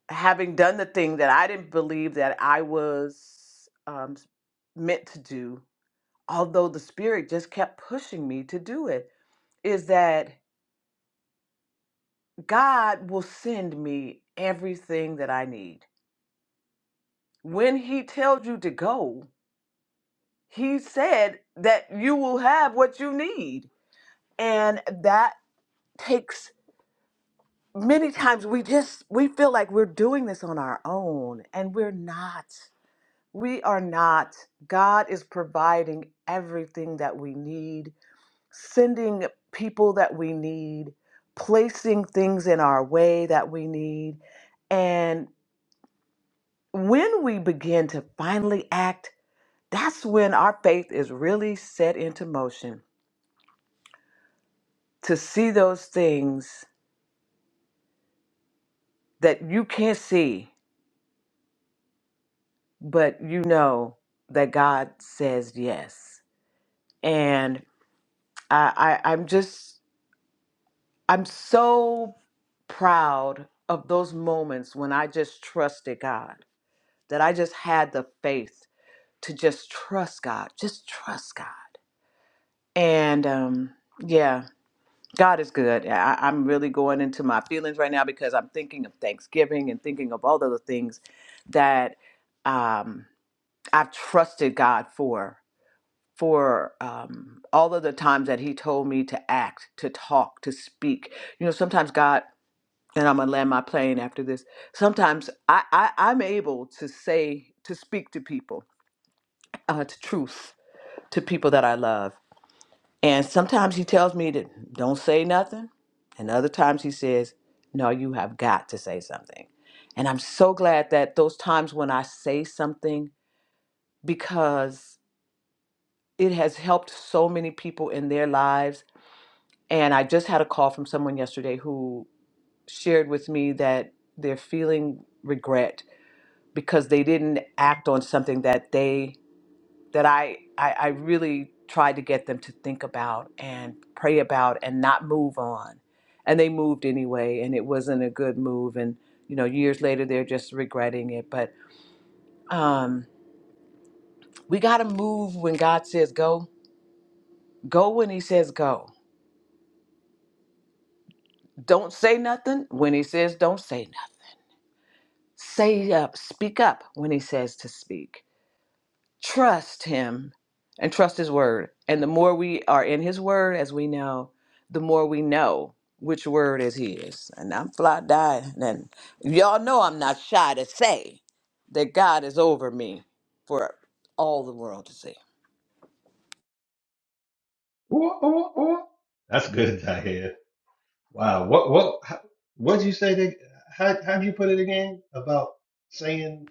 B: having done the thing that I didn't believe that I was um, meant to do, although the spirit just kept pushing me to do it, is that God will send me everything that I need. when he tells you to go, he said that you will have what you need. And that takes many times we just we feel like we're doing this on our own and we're not. We are not. God is providing everything that we need, sending people that we need, placing things in our way that we need. And when we begin to finally act That's when our faith is really set into motion to see those things that you can't see, but you know that God says yes. And I, I, I'm just, I'm so proud of those moments when I just trusted God, that I just had the faith to just trust God, just trust God. And um, yeah, God is good. I, I'm really going into my feelings right now because I'm thinking of Thanksgiving and thinking of all of the other things that um, I've trusted God for, for um, all of the times that He told me to act, to talk, to speak. You know, sometimes God, and I'm going to land my plane after this, sometimes I, I, I'm able to say, to speak to people, uh, to truth, to people that I love and sometimes he tells me to don't say nothing. And other times he says, no, you have got to say something. And I'm so glad that those times when I say something, because it has helped so many people in their lives. And I just had a call from someone yesterday who shared with me that they're feeling regret because they didn't act on something that they that I, I I really tried to get them to think about and pray about and not move on. And they moved anyway, and it wasn't a good move. And you know, years later, they're just regretting it. But um, we got to move when God says go. Go when He says go. Don't say nothing when He says don't say nothing. Say up, speak up when He says to speak trust him and trust his word. And the more we are in his word, as we know, the more we know which word is his. And I'm fly dying. And y'all know I'm not shy to say that God is over me for all the world to see.
A: That's good, I hear. Wow. What what what did you say that how how'd you put it again about saying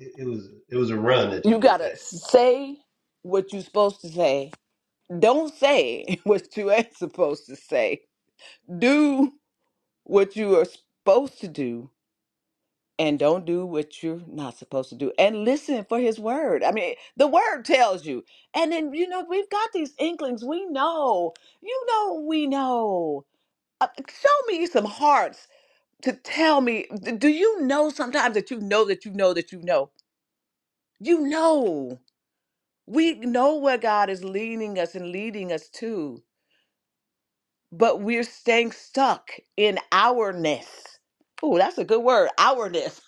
A: it it was it was a run that
B: You
A: you just had?
B: gotta say what you're supposed to say. Don't say what you ain't supposed to say. Do what you are supposed to do and don't do what you're not supposed to do and listen for his word i mean the word tells you and then you know we've got these inklings we know you know we know Uh, show me some hearts to tell me d- do you know sometimes that you know that you know that you know you know we know where god is leading us and leading us to but we're staying stuck in ourness. Oh, that's a good word, ourness.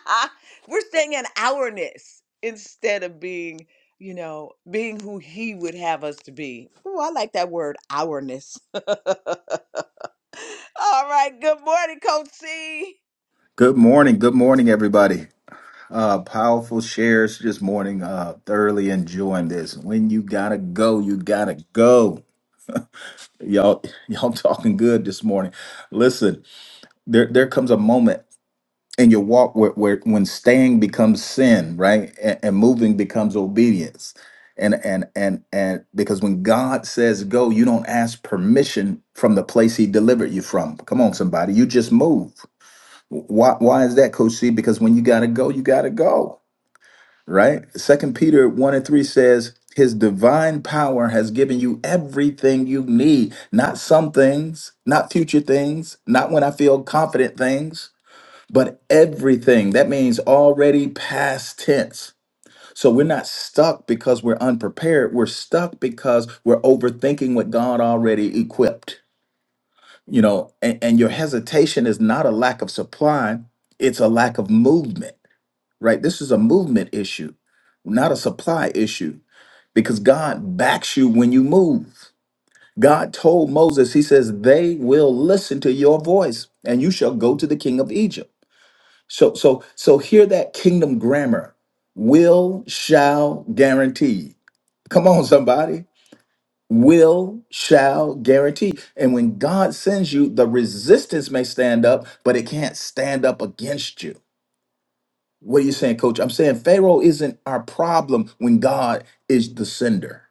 B: we're staying in ourness instead of being, you know, being who he would have us to be. Oh, I like that word, ourness. All right, good morning, Coach C.
F: Good morning. Good morning, everybody. Uh, powerful shares this morning. Uh, thoroughly enjoying this. When you gotta go, you gotta go. Y'all, y'all talking good this morning. Listen, there there comes a moment in your walk where, where when staying becomes sin, right, and, and moving becomes obedience. And and and and because when God says go, you don't ask permission from the place He delivered you from. Come on, somebody, you just move. Why why is that, Coach C? Because when you gotta go, you gotta go. Right? Second Peter 1 and 3 says, His divine power has given you everything you need, not some things, not future things, not when I feel confident things, but everything. That means already past tense. So we're not stuck because we're unprepared. We're stuck because we're overthinking what God already equipped you know and, and your hesitation is not a lack of supply it's a lack of movement right this is a movement issue not a supply issue because god backs you when you move god told moses he says they will listen to your voice and you shall go to the king of egypt so so so hear that kingdom grammar will shall guarantee come on somebody will shall guarantee and when god sends you the resistance may stand up but it can't stand up against you what are you saying coach i'm saying pharaoh isn't our problem when god is the sender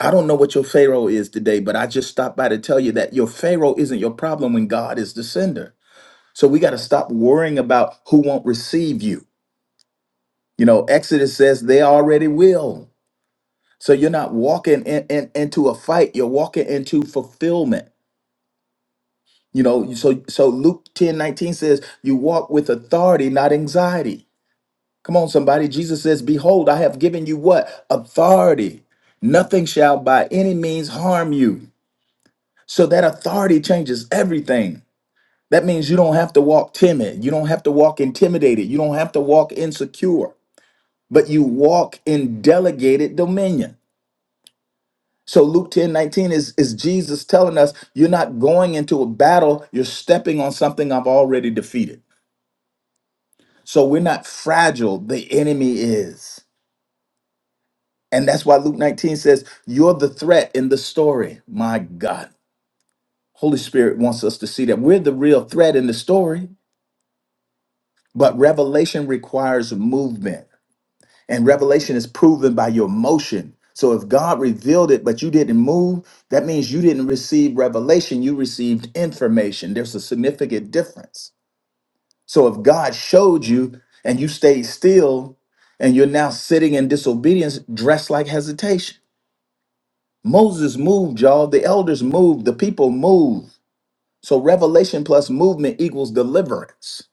F: i don't know what your pharaoh is today but i just stopped by to tell you that your pharaoh isn't your problem when god is the sender so we got to stop worrying about who won't receive you you know exodus says they already will so you're not walking in, in, into a fight you're walking into fulfillment You know, so so Luke 10 19 says, You walk with authority, not anxiety. Come on, somebody. Jesus says, Behold, I have given you what? Authority. Nothing shall by any means harm you. So that authority changes everything. That means you don't have to walk timid. You don't have to walk intimidated. You don't have to walk insecure, but you walk in delegated dominion. So Luke 10 19 is, is Jesus telling us you're not going into a battle, you're stepping on something I've already defeated. So we're not fragile. The enemy is. And that's why Luke 19 says, You're the threat in the story. My God. Holy Spirit wants us to see that we're the real threat in the story, but revelation requires movement. And revelation is proven by your motion. So if God revealed it, but you didn't move, that means you didn't receive revelation. You received information. There's a significant difference. So if God showed you and you stayed still and you're now sitting in disobedience, dressed like hesitation. Moses moved, y'all. The elders moved. The people moved. So revelation plus movement equals deliverance.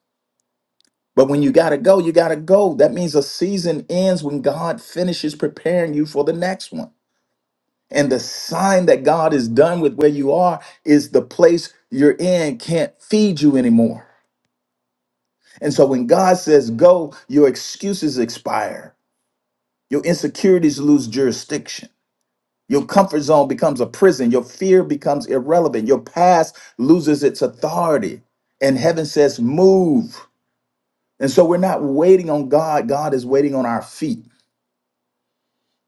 F: But when you got to go, you got to go. That means a season ends when God finishes preparing you for the next one. And the sign that God is done with where you are is the place you're in can't feed you anymore. And so when God says go, your excuses expire. Your insecurities lose jurisdiction. Your comfort zone becomes a prison. Your fear becomes irrelevant. Your past loses its authority. And heaven says, move. And so we're not waiting on God. God is waiting on our feet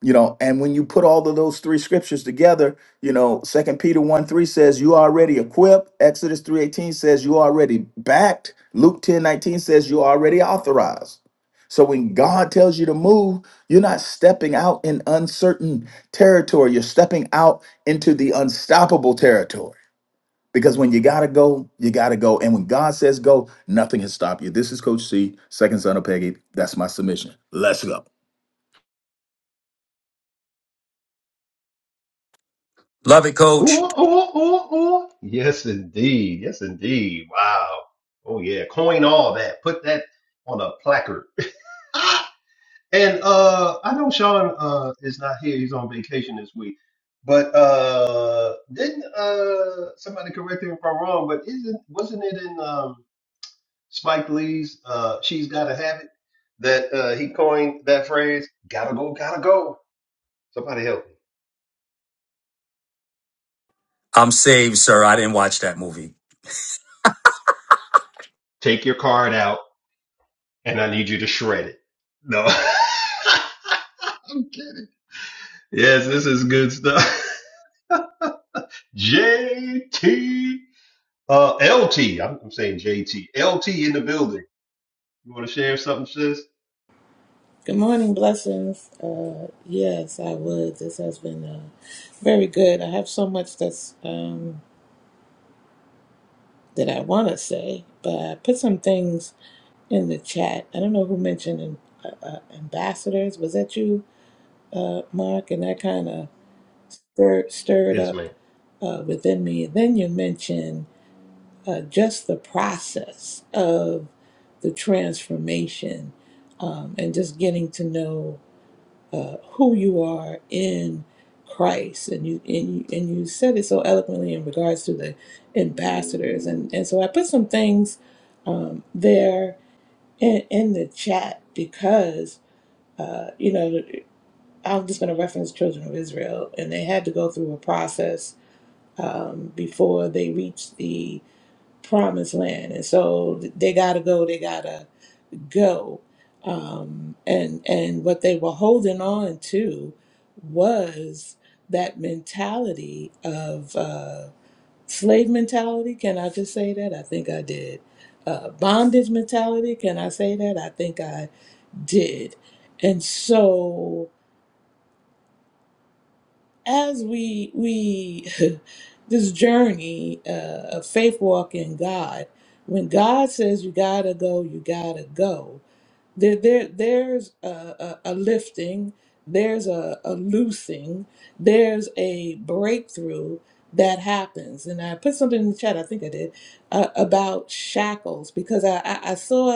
F: you know and when you put all of those three scriptures together you know second peter 1 3 says you already equipped exodus 3.18 says you already backed luke ten nineteen says you already authorized so when god tells you to move you're not stepping out in uncertain territory you're stepping out into the unstoppable territory because when you gotta go you gotta go and when god says go nothing can stop you this is coach c second son of peggy that's my submission let's go
C: Love it,
A: Ooh,
C: Coach.
A: ooh, ooh, ooh. Yes, indeed. Yes, indeed. Wow. Oh yeah. Coin all that. Put that on a placard. and uh, I know Sean uh is not here. He's on vacation this week. But uh, didn't uh somebody correct me if I'm wrong? But isn't wasn't it in um Spike Lee's uh She's Gotta Have It that uh he coined that phrase? Gotta go, gotta go. Somebody help me.
C: I'm saved, sir. I didn't watch that movie.
A: Take your card out. and I need you to shred it. No, I'm kidding. Yes, this is good stuff. JT, uh, LT. I'm, I'm saying JT. LT in the building. You want to share something, sis?
G: Good morning, blessings. Uh, yes, I would. This has been uh, very good. I have so much that's um, that I want to say, but I put some things in the chat. I don't know who mentioned an- uh, uh, ambassadors. Was that you, uh, Mark? And that kind of stirred, stirred
A: Yes,
G: up
A: ma'am.
G: uh, within me. Then you mentioned uh, just the process of the transformation um, and just getting to know. uh, who you are in Christ, and you and you, and you said it so eloquently in regards to the ambassadors, and and so I put some things um, there in, in the chat because uh, you know I'm just going to reference Children of Israel, and they had to go through a process um, before they reached the promised land, and so they got to go, they got to go. Um, and and what they were holding on to was that mentality of uh, slave mentality. Can I just say that? I think I did. Uh, bondage mentality. Can I say that? I think I did. And so as we we this journey uh, of faith walk in God, when God says you gotta go, you gotta go There, there, there's a, a, a lifting, there's a, a loosing, there's a breakthrough that happens. And I put something in the chat, I think I did, uh, about shackles because I, I, I saw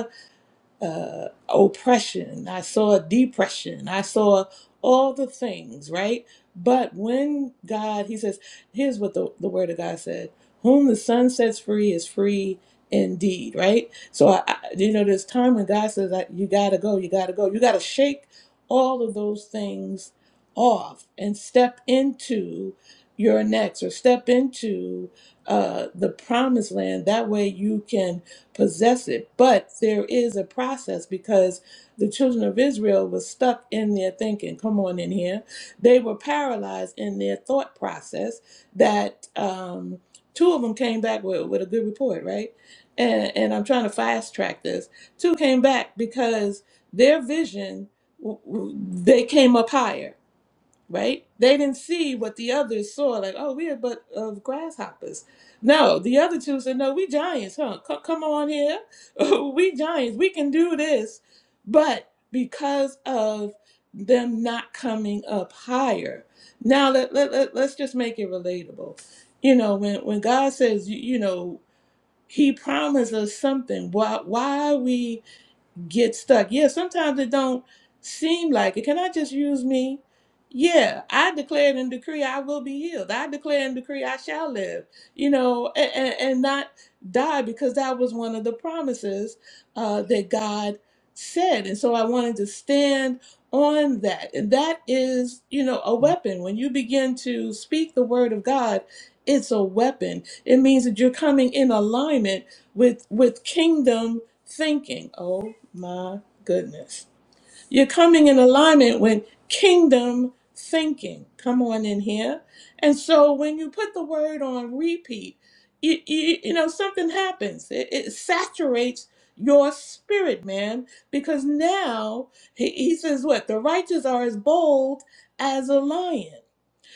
G: uh, oppression. I saw depression. I saw all the things, right? But when God, He says, here's what the, the Word of God said Whom the Son sets free is free indeed, right? So, I, I, you know, there's time when God says, like, You got to go, you got to go. You got to shake all of those things off and step into your next or step into uh, the promised land. That way you can possess it. But there is a process because the children of Israel were stuck in their thinking. Come on in here. They were paralyzed in their thought process that um, two of them came back with, with a good report, right? And, and I'm trying to fast track this. Two came back because their vision, w- w- they came up higher right? They didn't see what the others saw, like, oh, we are but of grasshoppers. No, the other two said, no, we giants, huh? Co- come on here. we giants, we can do this. But because of them not coming up higher, now let, let, let, let's just make it relatable. You know, when, when God says, you, you know, he promised us something. Why, why are we get stuck. Yeah, sometimes it don't seem like it. Can I just use me? Yeah, I declare and decree I will be healed. I declare and decree I shall live, you know, and, and, and not die because that was one of the promises uh, that God said. And so I wanted to stand on that. And that is, you know, a weapon. When you begin to speak the word of God, it's a weapon. It means that you're coming in alignment with with kingdom thinking. Oh my goodness. You're coming in alignment with kingdom thinking. Come on in here. And so when you put the word on repeat, you, you, you know, something happens. It, it saturates your spirit, man, because now he, he says, What? The righteous are as bold as a lion.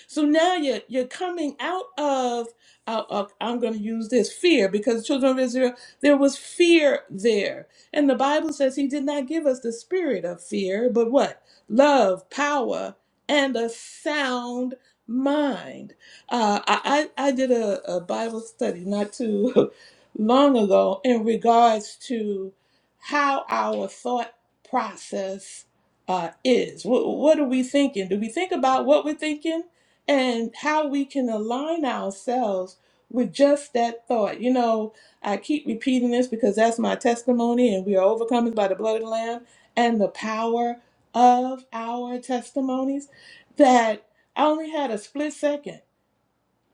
G: So now you're you're coming out of. Uh, uh, I'm going to use this fear because the children of Israel, there was fear there, and the Bible says He did not give us the spirit of fear, but what love, power, and a sound mind. Uh, I I I did a, a Bible study not too long ago in regards to how our thought process uh, is. Wh- what are we thinking? Do we think about what we're thinking? and how we can align ourselves with just that thought. You know, I keep repeating this because that's my testimony, and we are overcome by the blood of the Lamb and the power of our testimonies. That I only had a split second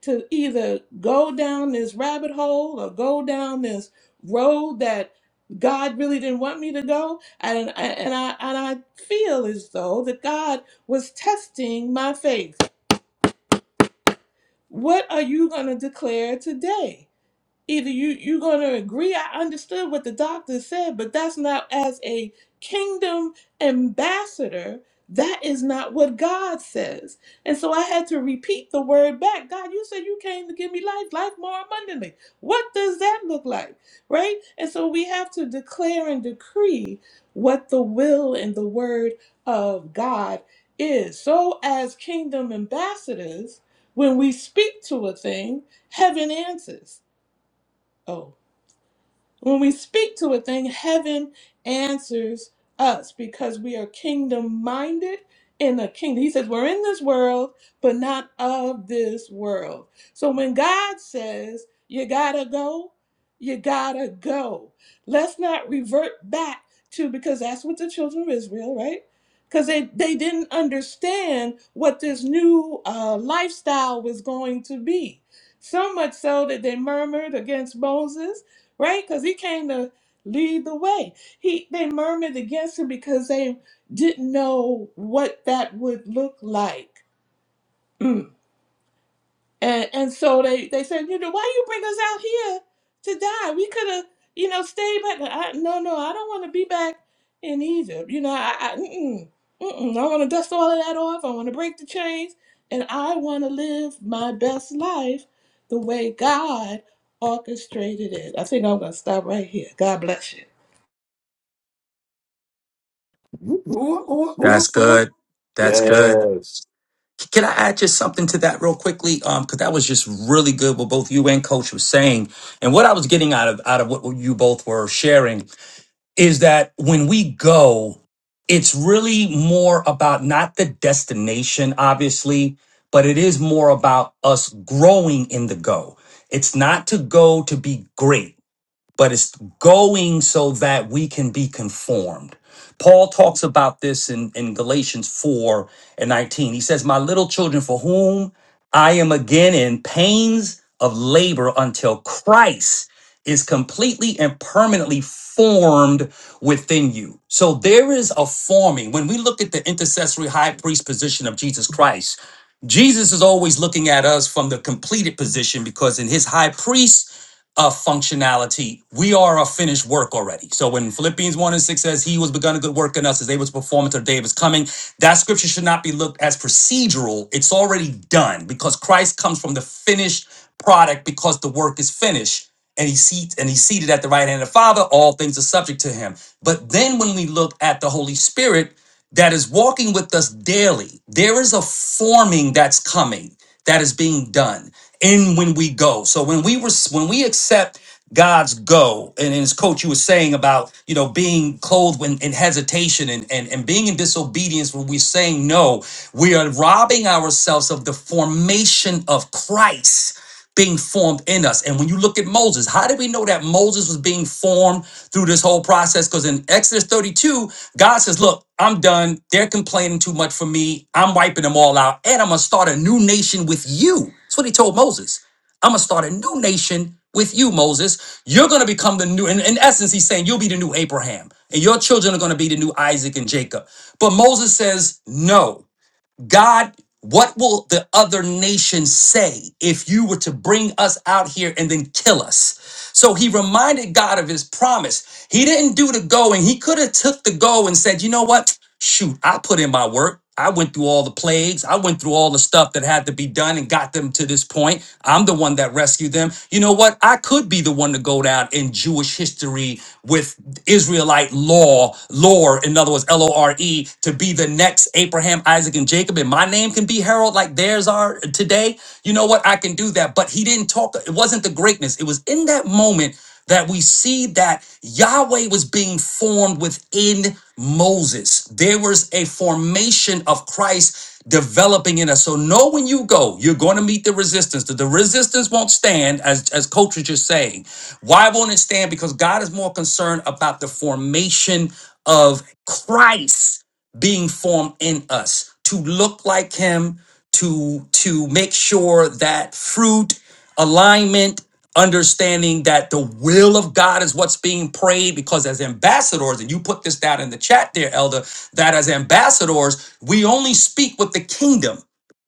G: to either go down this rabbit hole or go down this road that God really didn't want me to go. And, and I and I feel as though that God was testing my faith what are you going to declare today? either you you are gonna agree i understood what the doctor said but that's not as a kingdom ambassador that is not what god says and so i had to repeat the word back god you said you came to give me life life more abundantly what does that look like right and so we have to declare and decree what the will and the word of god is so as kingdom ambassadors when we speak to a thing heaven answers Oh. When we speak to a thing, heaven answers us because we are kingdom minded in the kingdom. He says, We're in this world, but not of this world. So when God says, You gotta go, you gotta go. Let's not revert back to, because that's what the children of Israel, right? Because they, they didn't understand what this new uh, lifestyle was going to be. So much so that they murmured against Moses right? Because he came to lead the way. He they murmured against him because they didn't know what that would look like. Mm. And and so they, they said, you know, why you bring us out here to die? We could have, you know, stayed back. I, no, no, I don't want to be back in Egypt. You know, I, I, mm-mm, mm-mm. I want to dust all of that off. I want to break the chains, and I want to live my best life the way God orchestrated it. I think I'm gonna stop right here. God bless you.
A: Ooh, ooh,
C: That's
A: ooh, ooh.
C: good. That's good.
A: Yes.
C: Can I add just something to that real quickly? Um, because that was just really good what both you and Coach was saying, and what I was getting out of out of what you both were sharing is that when we go, it's really more about not the destination, obviously, but it is more about us growing in the go. It's not to go to be great but it's going so that we can be conformed. Paul talks about this in, in Galatians 4 and 19. He says, My little children, for whom I am again in pains of labor until Christ is completely and permanently formed within you. So there is a forming. When we look at the intercessory high priest position of Jesus Christ, Jesus is always looking at us from the completed position because in his high priest a functionality. We are a finished work already. So when Philippians 1 and 6 says he was begun a good work in us is able to perform until the day of his coming, that scripture should not be looked as procedural. It's already done because Christ comes from the finished product because the work is finished. And he seats and he's seated at the right hand of the Father, all things are subject to him. But then when we look at the Holy Spirit, that is walking with us daily. There is a forming that's coming that is being done in when we go. So when we were when we accept God's go, and as coach you were saying about you know being clothed in, in hesitation and, and and being in disobedience when we're saying no, we are robbing ourselves of the formation of Christ being formed in us. And when you look at Moses, how do we know that Moses was being formed through this whole process? Because in Exodus 32, God says, Look, I'm done. They're complaining too much for me. I'm wiping them all out. And I'm going to start a new nation with you. That's what he told Moses. I'm going to start a new nation with you, Moses. You're going to become the new, in, in essence, he's saying, You'll be the new Abraham, and your children are going to be the new Isaac and Jacob. But Moses says, No. God, what will the other nations say if you were to bring us out here and then kill us? So he reminded God of his promise. He didn't do the going. he could have took the go and said, "You know what? Shoot, I put in my work. I went through all the plagues. I went through all the stuff that had to be done and got them to this point. I'm the one that rescued them. You know what? I could be the one to go down in Jewish history with Israelite law, lore, in other words, L O R E, to be the next Abraham, Isaac, and Jacob, and my name can be heralded like theirs are today. You know what? I can do that. But he didn't talk. It wasn't the greatness. It was in that moment that we see that Yahweh was being formed within Moses. There was a formation of Christ developing in us. So know when you go, you're going to meet the resistance. The, the resistance won't stand, as, as Coach was just saying. Why won't it stand? Because God is more concerned about the formation of Christ being formed in us to look like him to to make sure that fruit alignment understanding that the will of god is what's being prayed because as ambassadors and you put this down in the chat there elder that as ambassadors we only speak with the kingdom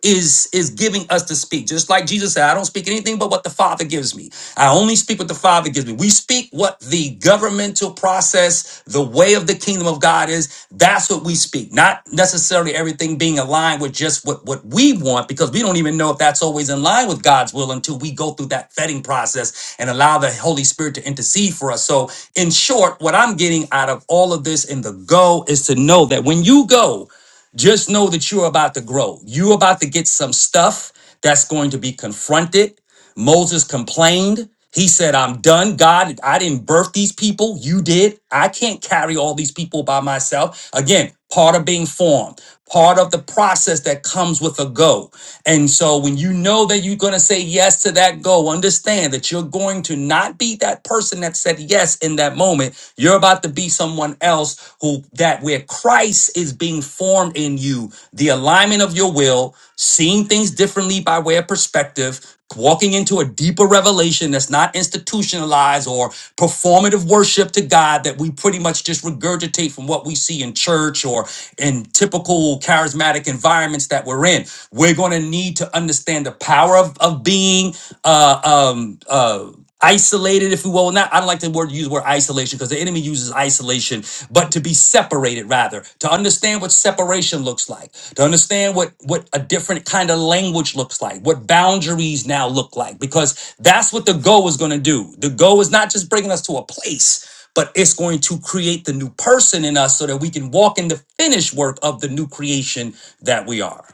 C: is is giving us to speak just like jesus said i don't speak anything but what the father gives me i only speak what the father gives me we speak what the governmental process the way of the kingdom of god is that's what we speak not necessarily everything being aligned with just what what we want because we don't even know if that's always in line with god's will until we go through that vetting process and allow the holy spirit to intercede for us so in short what i'm getting out of all of this in the go is to know that when you go just know that you're about to grow. You're about to get some stuff that's going to be confronted. Moses complained. He said, I'm done. God, I didn't birth these people. You did. I can't carry all these people by myself. Again, part of being formed, part of the process that comes with a go. And so when you know that you're going to say yes to that go, understand that you're going to not be that person that said yes in that moment. You're about to be someone else who that where Christ is being formed in you, the alignment of your will, seeing things differently by way of perspective, walking into a deeper revelation that's not institutionalized or performative worship to God that we pretty much just regurgitate from what we see in church or in typical charismatic environments that we're in. We're going to need to understand the power of, of being uh, um, uh, isolated if we will not i don't like the word use the word isolation because the enemy uses isolation but to be separated rather to understand what separation looks like to understand what what a different kind of language looks like what boundaries now look like because that's what the go is going to do the go is not just bringing us to a place but it's going to create the new person in us so that we can walk in the finished work of the new creation that we are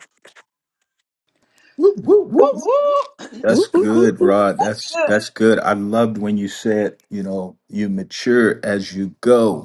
F: Whoop, whoop, whoop,
B: Woo
F: whoop.
B: woo.
F: That's
E: Whoop, whoop, whoop,
F: good,
E: whoop,
F: Rod.
B: That's
F: That's
B: good.
F: that's good. I loved when you said, you know, you mature as you go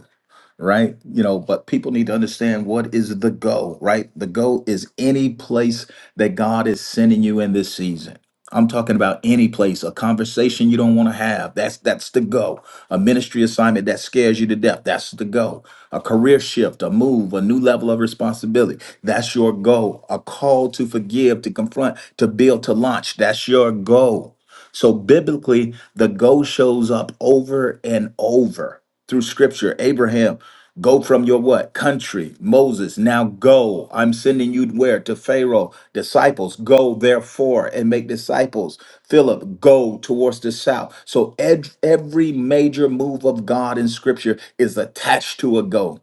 F: right? You know, but people need to understand what is the go, right? The go is any place that God is sending you in this season. I'm talking about any place, a conversation you don't want to have. That's that's the go. A ministry assignment that scares you to death. That's the go. A career shift, a move, a new level of responsibility. That's your go. A call to forgive, to confront, to build, to launch. That's your go. So biblically, the go shows up over and over through scripture. Abraham, go from your what? Country. Moses, now go. I'm sending you where? To Pharaoh. Disciples, go therefore and make disciples. Philip, go towards the south. So ed- every major move of God in scripture is attached to a go.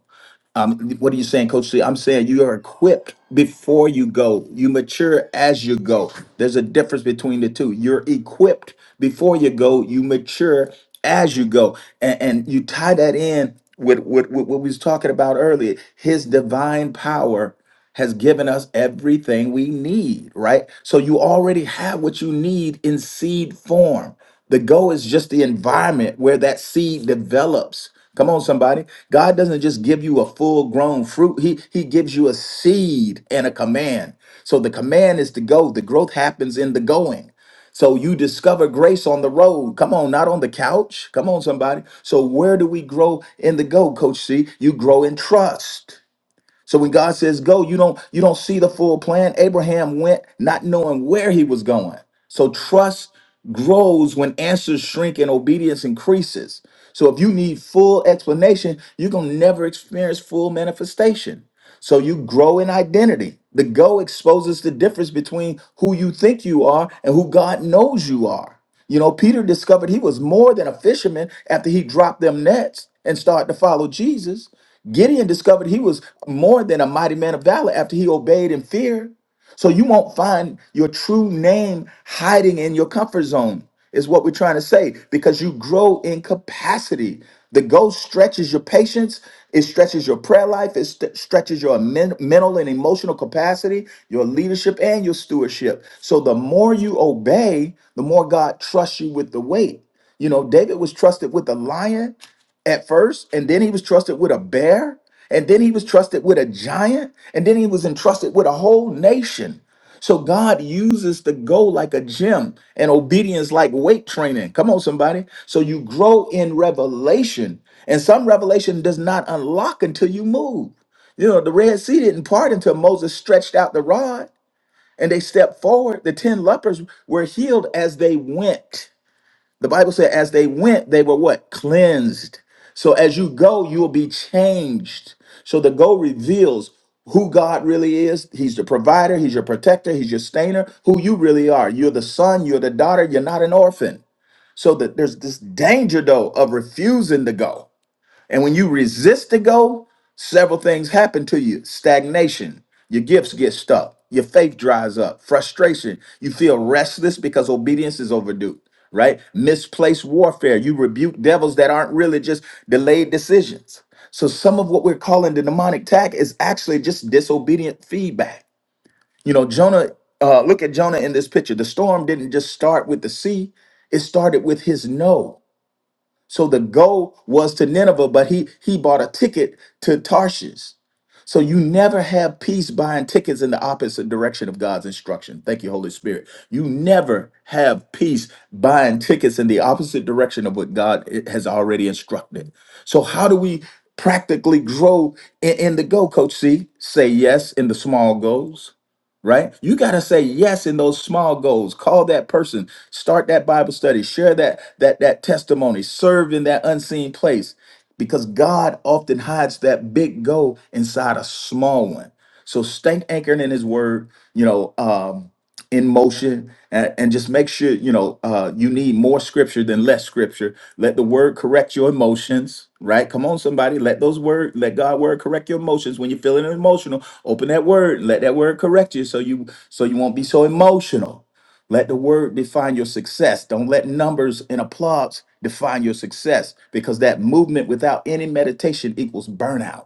F: Um, what are you saying, Coach C? I'm saying you are equipped before you go. You mature as you go. There's a difference between the two. You're equipped before you go. You mature as you go, and, and you tie that in with, with, with what we was talking about earlier. His divine power has given us everything we need, right? So you already have what you need in seed form. The go is just the environment where that seed develops. Come on, somebody. God doesn't just give you a full grown fruit, he, he gives you a seed and a command. So the command is to go, the growth happens in the going. So you discover grace on the road. Come on, not on the couch. Come on, somebody. So where do we grow in the go, Coach C? You grow in trust so when God says go, you don't you don't see the full plan. Abraham went not knowing where he was going. So trust grows when answers shrink and obedience increases. So if you need full explanation, you're going to never experience full manifestation. So you grow in identity. The go exposes the difference between who you think you are and who God knows you are. You know, Peter discovered he was more than a fisherman after he dropped them nets and started to follow Jesus. Gideon discovered he was more than a mighty man of valor after he obeyed in fear. So you won't find your true name hiding in your comfort zone, is what we're trying to say, because you grow in capacity. The ghost stretches your patience, it stretches your prayer life, it st- stretches your men- mental and emotional capacity, your leadership, and your stewardship. So the more you obey, the more God trusts you with the weight. You know, David was trusted with a lion at first, and then he was trusted with a bear, and then he was trusted with a giant, and then he was entrusted with a whole nation. So God uses the go like a gym and obedience like weight training. Come on, somebody. So you grow in revelation, and some revelation does not unlock until you move. You know, the Red Sea didn't part until Moses stretched out the rod and they stepped forward. The 10 lepers were healed as they went. The Bible said, as they went, they were what? Cleansed. So as you go, you will be changed. So the go reveals who God really is. He's the provider, He's your protector, He's your stainer, who you really are. You're the son, you're the daughter, you're not an orphan. So that there's this danger, though, of refusing to go and when you resist to go, several things happen to you stagnation, your gifts get stuck, your faith dries up, frustration, you feel restless because obedience is overdue, right? Misplaced warfare, you rebuke devils that aren't really just delayed decisions. So, some of what we're calling the demonic attack is actually just disobedient feedback. You know, Jonah, uh, look at Jonah in this picture. The storm didn't just start with the sea, it started with his no. So the goal was to Nineveh, but he he bought a ticket to Tarshish. So you never have peace buying tickets in the opposite direction of God's instruction. Thank you, Holy Spirit. You never have peace buying tickets in the opposite direction of what God i- has already instructed. So how do we practically grow in, in the go, Coach C? Say yes in the small goals right? You got to say yes in those small goals. Call that person, start that Bible study, share that that that testimony, serve in that unseen place because God often hides that big goal inside a small one. So stay anchored in his word, you know, um in motion and, and just make sure you know uh, you need more scripture than less scripture let the word correct your emotions right come on somebody let those word let god word correct your emotions when you're feeling emotional open that word let that word correct you so you so you won't be so emotional let the word define your success don't let numbers and applause define your success because that movement without any meditation equals burnout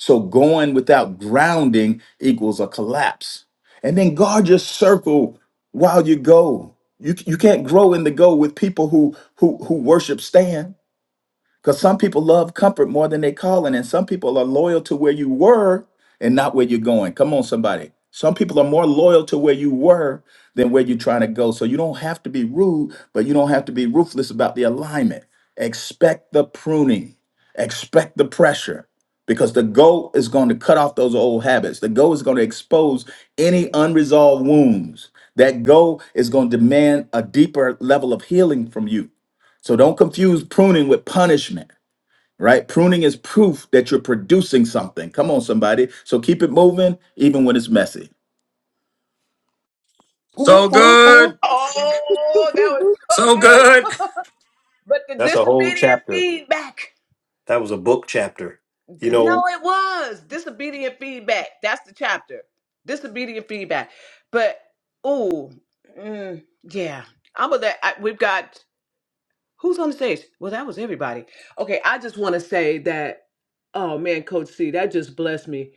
F: so going without grounding equals a collapse. And then guard your circle while you go. You, you can't grow in the go with people who who who worship stand. Because some people love comfort more than they calling, and some people are loyal to where you were and not where you're going. Come on, somebody. Some people are more loyal to where you were than where you're trying to go. So you don't have to be rude, but you don't have to be ruthless about the alignment. Expect the pruning, expect the pressure, because the goal is going to cut off those old habits. The goal is going to expose any unresolved wounds. That goal is going to demand a deeper level of healing from you. So don't confuse pruning with punishment right? Pruning is proof that you're producing something. Come on, somebody. So keep it moving, even when it's messy.
A: Ooh,
C: so
A: ooh, ooh.
C: good
B: Oh, that
E: whoop,
B: was
E: whoop.
B: so
C: so
B: good.
C: good
B: but the
A: That's a whole
B: disobedient
A: chapter.
B: feedback.
A: That was a book chapter. You know,
B: No, it was disobedient feedback. That's the chapter. Disobedient feedback. But oh, mm, yeah. I'm gonna let. I, we've got who's on the stage. Well, that was everybody. Okay, I just want to say that. Oh man, Coach C, that just blessed me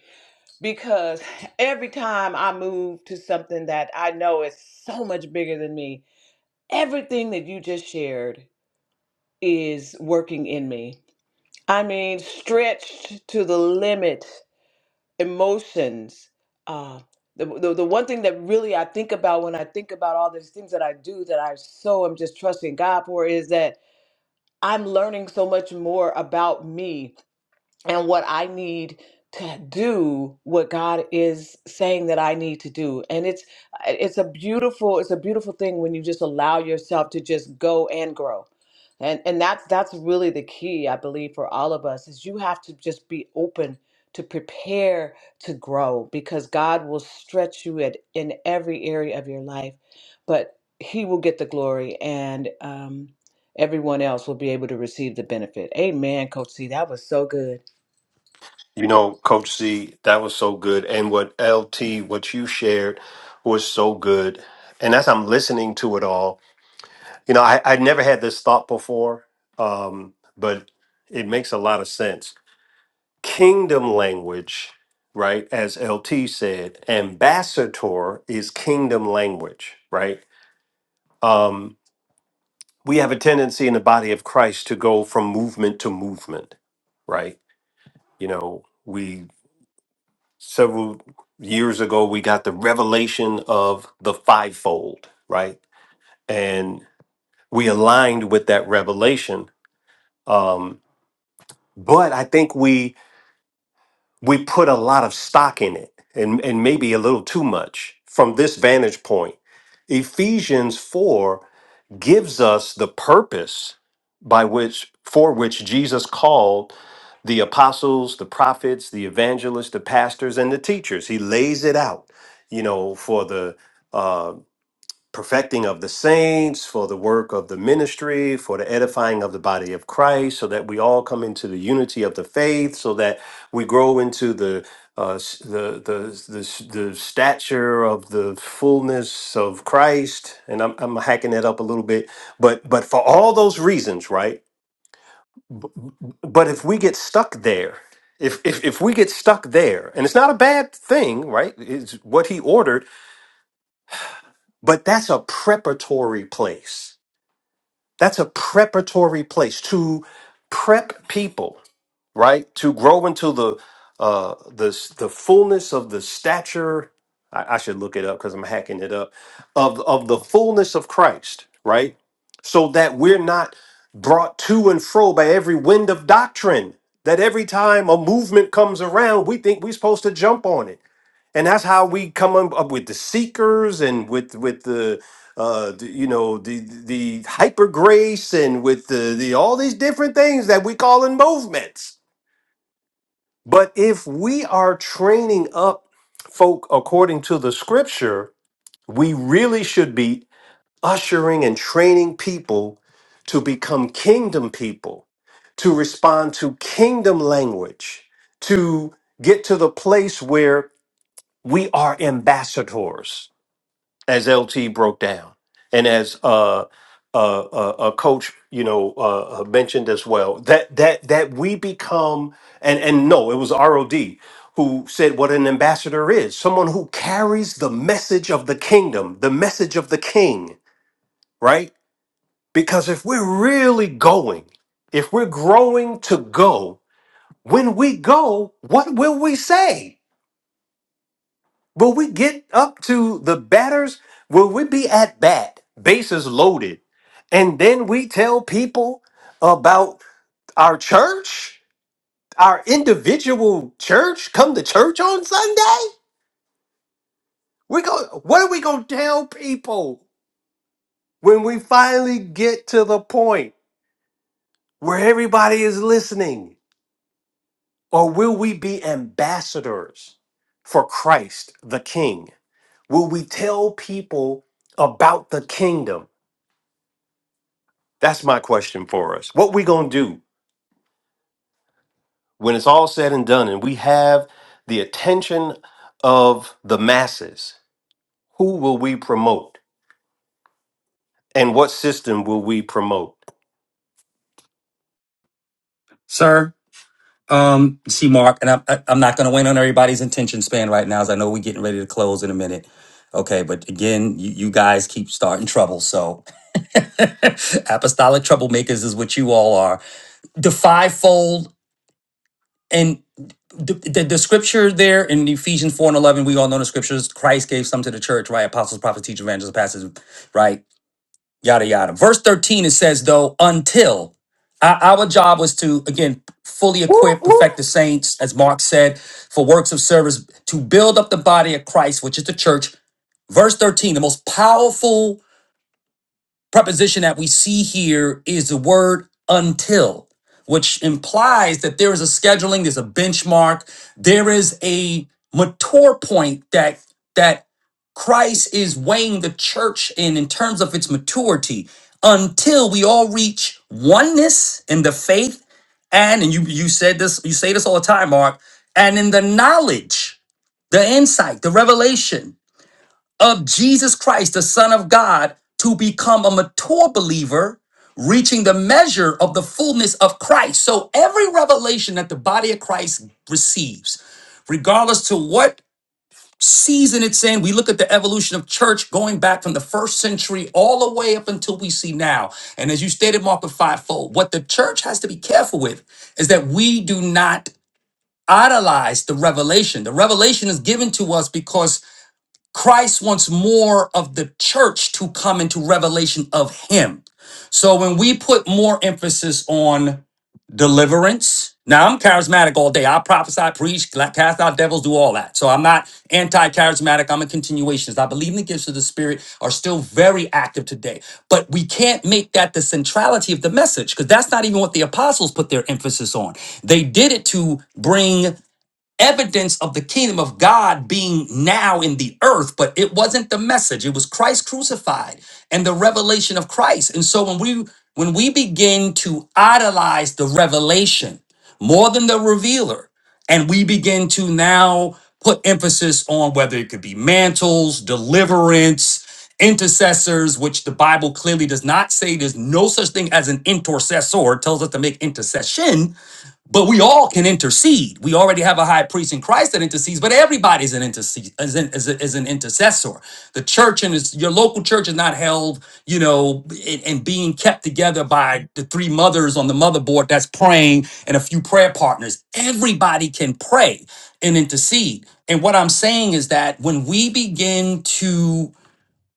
B: because every time I move to something that I know is so much bigger than me, everything that you just shared is working in me. I mean, stretched to the limit emotions. Uh, the, the the one thing that really I think about when I think about all these things that I do that I so am just trusting God for is that I'm learning so much more about me and what I need to do what God is saying that I need to do. And it's uh, it's a beautiful it's a beautiful thing when you just allow yourself to just go and grow. And and that's that's really the key I believe for all of us is you have to just be open to prepare to grow because God will stretch you at, in every area of your life, but he will get the glory and um everyone else will be able to receive the benefit. Amen, Coach C. That was so good.
A: you know, Coach C, that was so good. And what LT, what you shared was so good. And as I'm listening to it all, You know, I, I'd never had this thought before, um, but it makes a lot of sense. Kingdom language, right? As LT said, ambassador is kingdom language, right? Um, we have a tendency in the body of Christ to go from movement to movement, right? You know, we several years ago, we got the revelation of the fivefold, right? And we aligned with that revelation. Um, but I think we we put a lot of stock in it and and maybe a little too much from this vantage point. Ephesians 4 gives us the purpose by which for which Jesus called the apostles, the prophets, the evangelists, the pastors and the teachers. He lays it out, you know, for the uh, perfecting of the saints, for the work of the ministry, for the edifying of the body of Christ, so that we all come into the unity of the faith, so that we grow into the uh, s- the, the the the stature of the fullness of Christ, and I'm, I'm hacking that up a little bit, but but for all those reasons, right? B- But if we get stuck there, if if if we get stuck there, and it's not a bad thing, right? It's what he ordered, but that's a preparatory place That's a preparatory place to prep people, right? To grow into the uh the the fullness of the stature. I, I should look it up because I'm hacking it up of of the fullness of Christ, right? So that we're not brought to and fro by every wind of doctrine. That every time a movement comes around, we think we're supposed to jump on it and that's how we come un- up with the seekers and with with the uh the, you know the the hyper grace and with the, the all these different things that we call in movements but if we are training up folk according to the scripture we really should be ushering and training people to become kingdom people to respond to kingdom language to get to the place where we are ambassadors as LT broke down, and as uh, uh, uh, uh, Coach, you know, uh, uh, mentioned as well, that that that we become and and no, it was ROD who said what an ambassador is someone who carries the message of the kingdom, the message of the king, right? Because if we're really going, if we're growing to go, when we go, what will we say? Will we get up to the batters? Will we be at bat, bases loaded, and then we tell people about our church, our individual church? Come to church on Sunday? We go. What are we gonna tell people when we finally get to the point where everybody is listening? Or will we be ambassadors for Christ the King? Will we tell people about the kingdom? That's my question for us. What we going to do when it's all said and done and we have the attention of the masses? Who will we promote? And what system will we promote?
C: Sir, Um, see, Mark, and I'm I- I'm not going to wait on everybody's attention span right now, as I know we're getting ready to close in a minute. Okay, but again, you, you guys keep starting trouble, so apostolic troublemakers is what you all are. The fivefold and the, the, the scripture there in Ephesians four and eleven, we all know the scriptures. Christ gave some to the church, right? Apostles, prophets, teachers, evangelists, pastors, right? yada yada. Verse 13 it says though, until our, our job was to again fully
A: Woo,
C: equip,
A: woo.
C: perfect the saints, as Mark said, for works of service to build up the body of Christ, which is the church. Verse 13, the most powerful preposition that we see here is the word until, which implies that there is a scheduling, there's a benchmark, there is a mature point that that Christ is weighing the church in in terms of its maturity until we all reach oneness in the faith and and you you said this you say this all the time Mark and in the knowledge the insight the revelation of Jesus Christ, the Son of God, to become a mature believer, reaching the measure of the fullness of Christ. So every revelation that the body of Christ receives, regardless to what season it's in, we look at the evolution of church going back from the first century all the way up until we see now. And as you stated, Mark the fivefold, what the church has to be careful with is that we do not idolize the revelation. The revelation is given to us because Christ wants more of the church to come into revelation of him. So when we put more emphasis on deliverance, now I'm charismatic all day. I prophesy, preach, cast out devils, do all that. So I'm not anti charismatic. I'm a continuationist. I believe in the gifts of the Spirit are still very active today. But we can't make that the centrality of the message because that's not even what the apostles put their emphasis on. They did it to bring evidence of the kingdom of God being now in the earth, but it wasn't the message. It was Christ crucified and the revelation of Christ. And so when we when we begin to idolize the revelation more than the revealer, and we begin to now put emphasis on whether it could be mantles, deliverance, intercessors, which the Bible clearly does not say there's no such thing as an intercessor, it tells us to make intercession but we all can intercede. We already have a high priest in Christ that intercedes, but everybody's an intercede is an, is, a- is an intercessor. The church and its, your local church is not held, you know, and, and being kept together by the three mothers on the motherboard that's praying and a few prayer partners. Everybody can pray and intercede. And what I'm saying is that when we begin to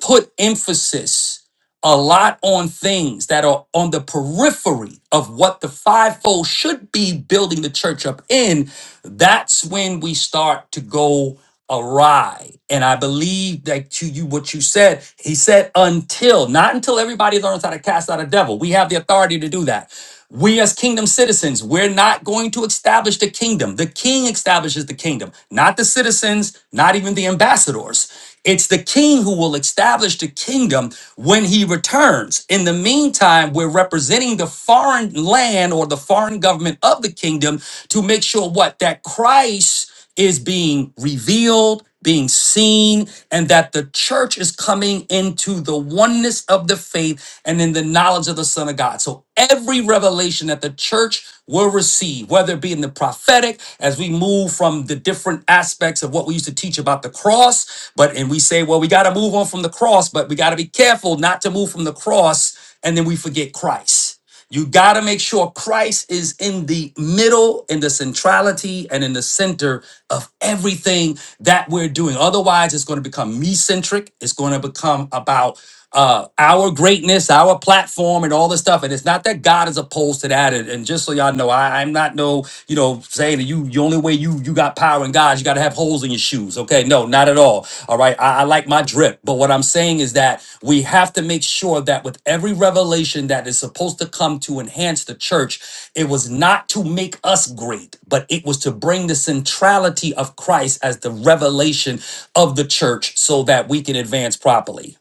C: put emphasis a lot on things that are on the periphery of what the fivefold should be building the church up in, that's when we start to go awry. And I believe that to you, what you said, he said, until, not until everybody learns how to cast out a devil. We have the authority to do that. We, as kingdom citizens, we're not going to establish the kingdom. The king establishes the kingdom, not the citizens, not even the ambassadors. It's the king who will establish the kingdom when he returns. In the meantime, we're representing the foreign land or the foreign government of the kingdom to make sure what? That Christ is being revealed, being seen, and that the church is coming into the oneness of the faith and in the knowledge of the Son of God. So every revelation that the church will receive, whether it be in the prophetic, as we move from the different aspects of what we used to teach about the cross, but and we say, well, we got to move on from the cross, but we got to be careful not to move from the cross and then we forget Christ. You got to make sure Christ is in the middle, in the centrality, and in the center of everything that we're doing. Otherwise, it's going to become me centric. It's going to become about uh, our greatness, our platform, and all this stuff. And it's not that God is opposed to that. And, and just so y'all know, I, I'm not no, you know, saying that you the only way you you got about Power powering God, You got to have holes in your shoes. Okay. No, not at all. All right. I, I like my drip. But what I'm saying is that we have to make sure that with every revelation that is supposed to come to enhance the church, it was not to make us great, but it was to bring the centrality of Christ as the revelation of the church so that we can advance properly.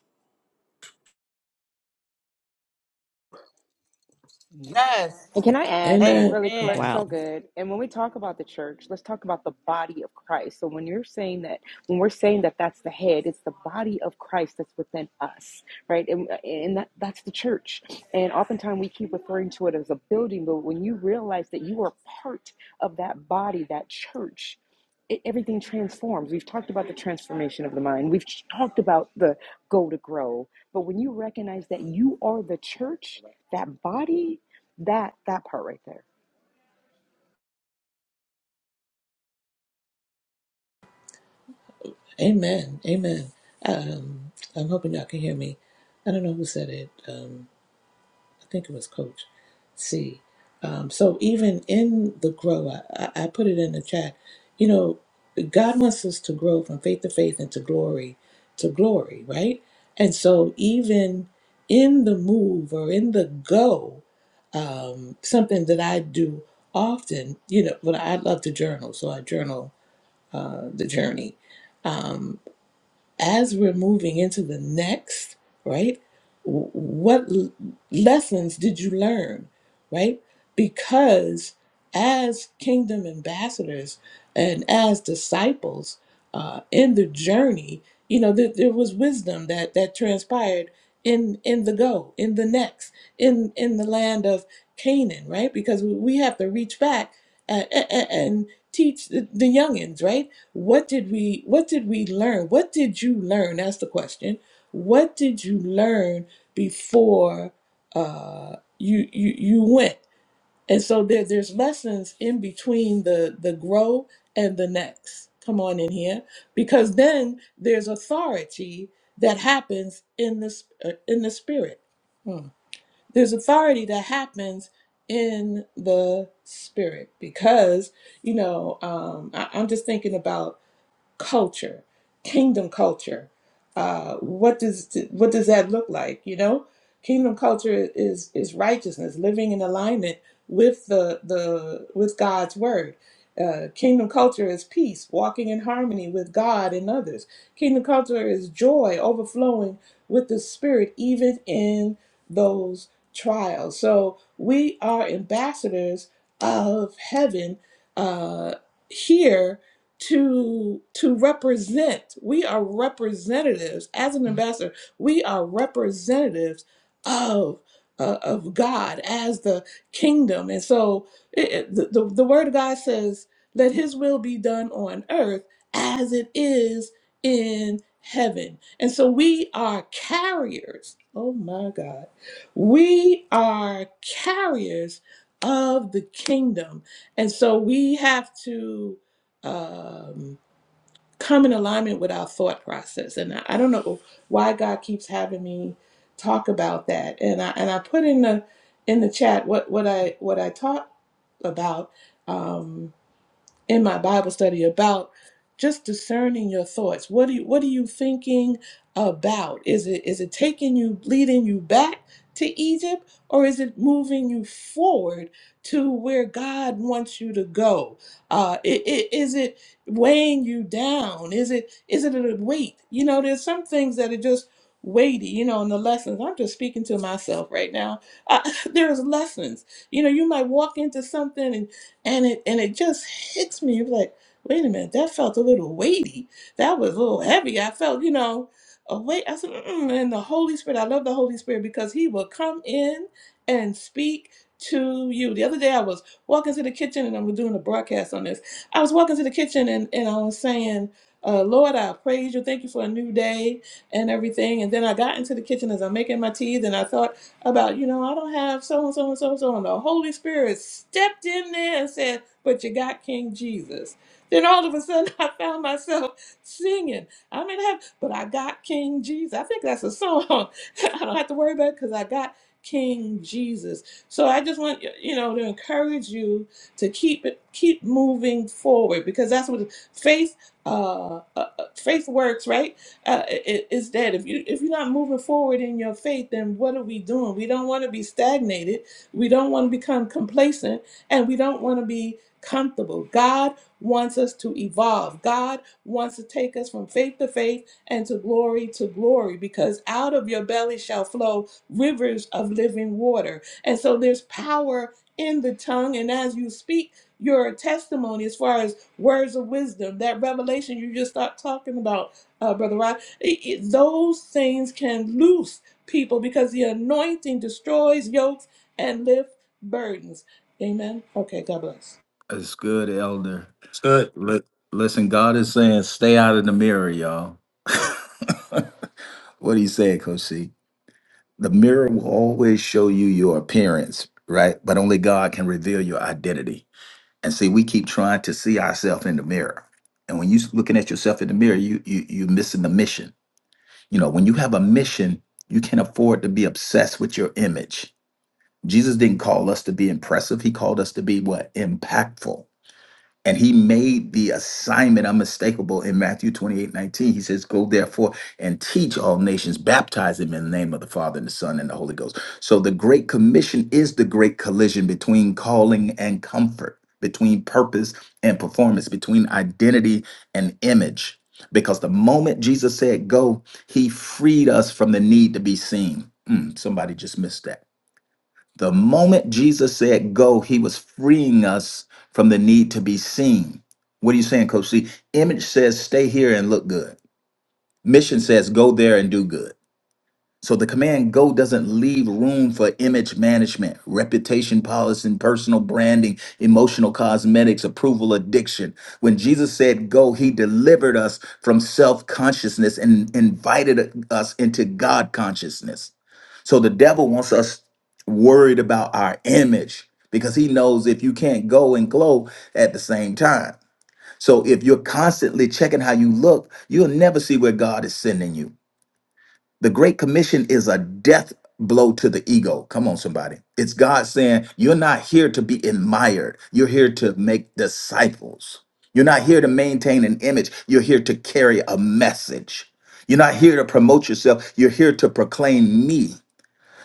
B: Yes.
D: And can I add
B: Amen.
G: Amen.
D: really quick?
G: Okay.
E: Wow.
D: So good. And when we talk about the church, let's talk about the body of Christ. So when you're saying that, when we're saying that that's the head, it's the body of Christ that's within us, right? And, and that, that's the church. And oftentimes we keep referring to it as a building, but when you realize that you are part of that body, that church, it, everything transforms. We've talked about the transformation of the mind. We've talked about the go to grow. But when you recognize that you are the church, that body, that that part right there.
G: Amen. Amen. Um, I'm hoping y'all can hear me. I don't know who said it. Um, I think it was Coach C. Um, so even in the grow, I, I I put it in the chat. You know, God wants us to grow from faith to faith and to glory to glory, right? And so even in the move or in the go, um, something that I do often, you know, but I love to journal, so I journal uh, the journey. Um, as we're moving into the next, right? w- What l- lessons did you learn, right? Because as kingdom ambassadors and as disciples uh, in the journey, you know there, there was wisdom that that transpired in in the go, in the next, in in the land of Canaan, right? Because we we have to reach back and, and teach the, the youngins, right? What did we what did we learn? What did you learn? That's the question. What did you learn before uh, you, you you went? And so there there's lessons in between the the grow and the next. Come on in here, because then there's authority that happens in this uh, in the spirit. Hmm. There's authority that happens in the spirit because you know um, I, I'm just thinking about culture, kingdom culture. Uh, what does what does that look like? You know, kingdom culture is is righteousness, living in alignment with the the with God's word. Uh, kingdom culture is peace, walking in harmony with God and others. Kingdom culture is joy, overflowing with the Spirit, even in those trials. So we are ambassadors of heaven uh, here to to represent we are representatives as an ambassador we are representatives of uh, of god as the kingdom and so it, it- the, the, the word of god says let his will be done on earth as it is in heaven and so we are carriers oh my god we are carriers of the kingdom and so we have to um, come in alignment with our thought process. And I, I don't know why God keeps having me talk about that. And I and I put in the in the chat what what I what I taught about. Um, in my Bible study about just discerning your thoughts. What do you, what are you thinking about? Is it is it taking you leading you back to Egypt or is it moving you forward to where God wants you to go? Uh, i- i- is it weighing you down? Is it is it a weight? You know, there's some things that are just weighty. You know, in the lessons, I'm just speaking to myself right now. Uh, there's lessons. You know, you might walk into something and and it and it just hits me It was like wait a minute that felt a little weighty that was a little heavy i felt you know a weight i said Mm-mm. and the holy spirit i love the holy spirit because he will come in and speak to you the other day i was walking to the kitchen and i was doing a broadcast on this i was walking to the kitchen and, and i was saying uh, lord i praise you thank you for a new day and everything and then i got into the kitchen as i'm making my tea and i thought about, you know, I don't have so and so and so and so. And the Holy Spirit stepped in there and said, But you got King Jesus. Then all of a sudden, I found myself singing. I'm in heaven, but I got King Jesus. I think that's a song. I don't have to worry about it because I got King Jesus. So I just want you know to encourage you to keep it, keep moving forward because that's what faith, uh, uh, uh, faith works, right? uh, i- is that if you if you're not moving forward in your faith, then what are we doing? We don't want to be stagnated. We don't want to become complacent, and we don't want to be comfortable. God wants us to evolve. God wants to take us from faith to faith and to glory to glory, because out of your belly shall flow rivers of living water. And so there's power in the tongue, and as you speak. Your testimony, as far as words of wisdom, that revelation you just start talking about, uh, brother Rodney, it- it- those things can loose people because the anointing destroys yokes and lifts burdens. Amen. Okay, God bless.
F: That's good, Elder.
C: It's good.
F: Li- Listen, God is saying, stay out of the mirror, y'all. what do you say, Coach C? The mirror will always show you your appearance, right? But only God can reveal your identity. And see, we keep trying to see ourselves in the mirror. And when you're looking at yourself in the mirror, you, you you're missing the mission. You know, when you have a mission, you can't afford to be obsessed with your image Jesus didn't call us to be impressive. He called us to be what? Impactful. And he made the assignment unmistakable in Matthew 28 19. He says, Go therefore and teach all nations, baptize them in the name of the Father and the Son and the Holy Ghost. So the Great Commission is the great collision between calling and comfort, between purpose and performance, between identity and image. Because the moment Jesus said go, he freed us from the need to be seen. Mm, somebody just missed that the moment Jesus said go, he was freeing us from the need to be seen. What are you saying, Coach C? Image says stay here and look good. Mission says go there and do good. So the command go doesn't leave room for image management, reputation policy, personal branding, emotional cosmetics, approval addiction. When Jesus said go, he delivered us from self consciousness and invited us into God consciousness. So the devil wants us worried about our image because he knows if you can't go and glow at the same time. So if you're constantly checking how you look, you'll never see where God is sending you. The Great Commission is a death blow to the ego. Come on, somebody. It's God saying, You're not here to be admired, you're here to make disciples. You're not here to maintain an image, you're here to carry a message. You're not here to promote yourself, you're here to proclaim me.